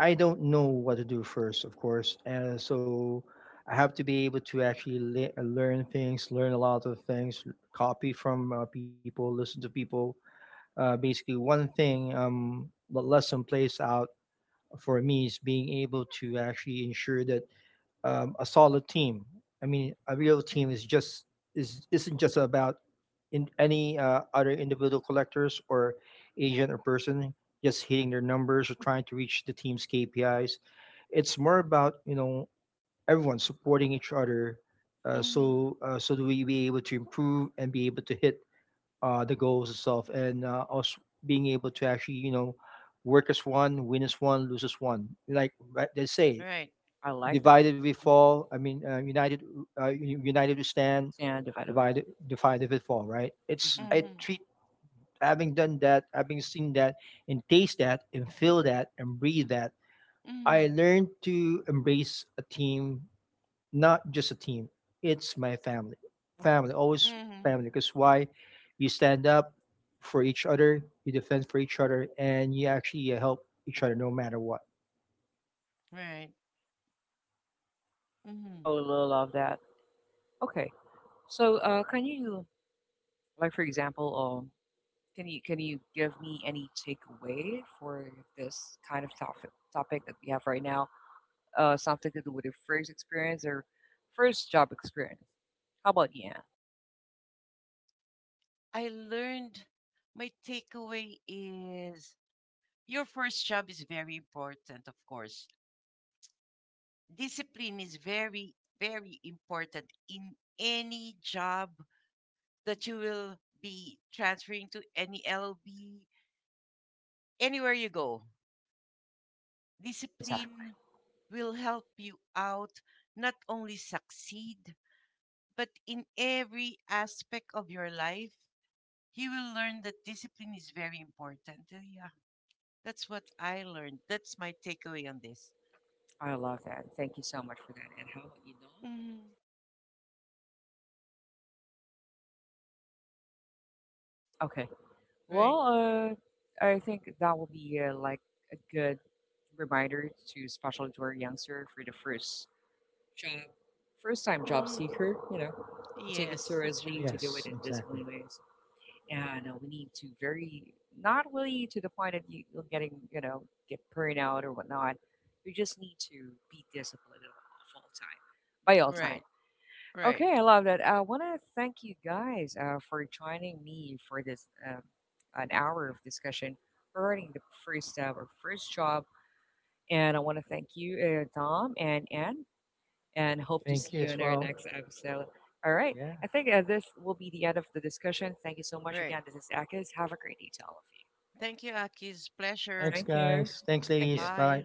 S2: I don't know what to do first, of course, and so I have to be able to actually learn things, learn a lot of things, copy from people, listen to people. Basically, one thing, what lesson plays out for me is being able to actually ensure that, a solid team. I mean, a real team is isn't just about in any other individual collectors or agent or person just hitting their numbers or trying to reach the team's KPIs. It's
S1: Hmm.
S2: more about you know everyone supporting each other,
S3: Hmm.
S2: so that we be able to improve and be able to hit the goals itself, and us being able to actually you know work as one, win as one, lose as one. Like right, they say,
S3: Right.
S1: I like that.
S2: divided we
S1: Hmm.
S2: fall. I mean, united, united we stand.
S1: Stand divided.
S2: Divided we fall. Right? It's
S1: Mm-hmm.
S2: I
S3: Hmm.
S2: treat having done that, having seen that, and taste that, and feel that, and breathe that. I
S3: Hmm.
S2: learned to embrace a team, not just a team. It's my family. Always
S3: Hmm.
S2: family. Because why? You stand up for each other, you defend for each other, and you actually help each other no matter what.
S3: Right. Hmm.
S1: I would love that. Okay, so can you like for example can you give me any takeaway for this kind of topic that we have right now, something to do with your first experience or first job experience? How about you, Anne?
S3: I learned. My takeaway is your first job is very important, of course. Discipline is very, very important in any job that you will be transferring to any LLB, anywhere you go.
S1: Exactly.
S3: Discipline will help you out not only succeed, but in every aspect of your life, you will learn that discipline is very important. Yeah. That's what I learned. That's my takeaway on this.
S1: I love that. Thank you so much for that. And how about you, Dawn?
S3: Mm.
S1: Okay.
S3: Right.
S1: Well, I think that will be like a good reminder to, especially to our youngster, for the first job, first time job
S3: Mm,
S1: seeker, you know, to take it
S3: yes, that's
S1: seriously,
S3: right.
S1: to do it
S2: Yes,
S1: in
S2: exactly.
S1: disciplined ways. And we need to very, not really to the point of you you're getting, you know, get burnout or whatnot. You just need to be disciplined at all time, by all time.
S3: Right, right,
S1: Okay, I love that. I want to thank you guys for joining me for this an hour of discussion regarding the first or first job. And I want to thank you, Tom and Anne, and hope to
S2: Thank
S1: see
S2: you
S1: you
S2: as
S1: in our
S2: well.
S1: next episode. All right,
S2: Yeah.
S1: I think this will be the end of the discussion. Thank you so much
S3: right.
S1: again. This is Akis. Have a great day to all of you.
S3: Thank you, Aki's pleasure.
S2: Thanks,
S1: Thank you.
S2: guys. Thanks,
S1: Thank you.
S2: ladies.
S3: Bye.
S2: Bye.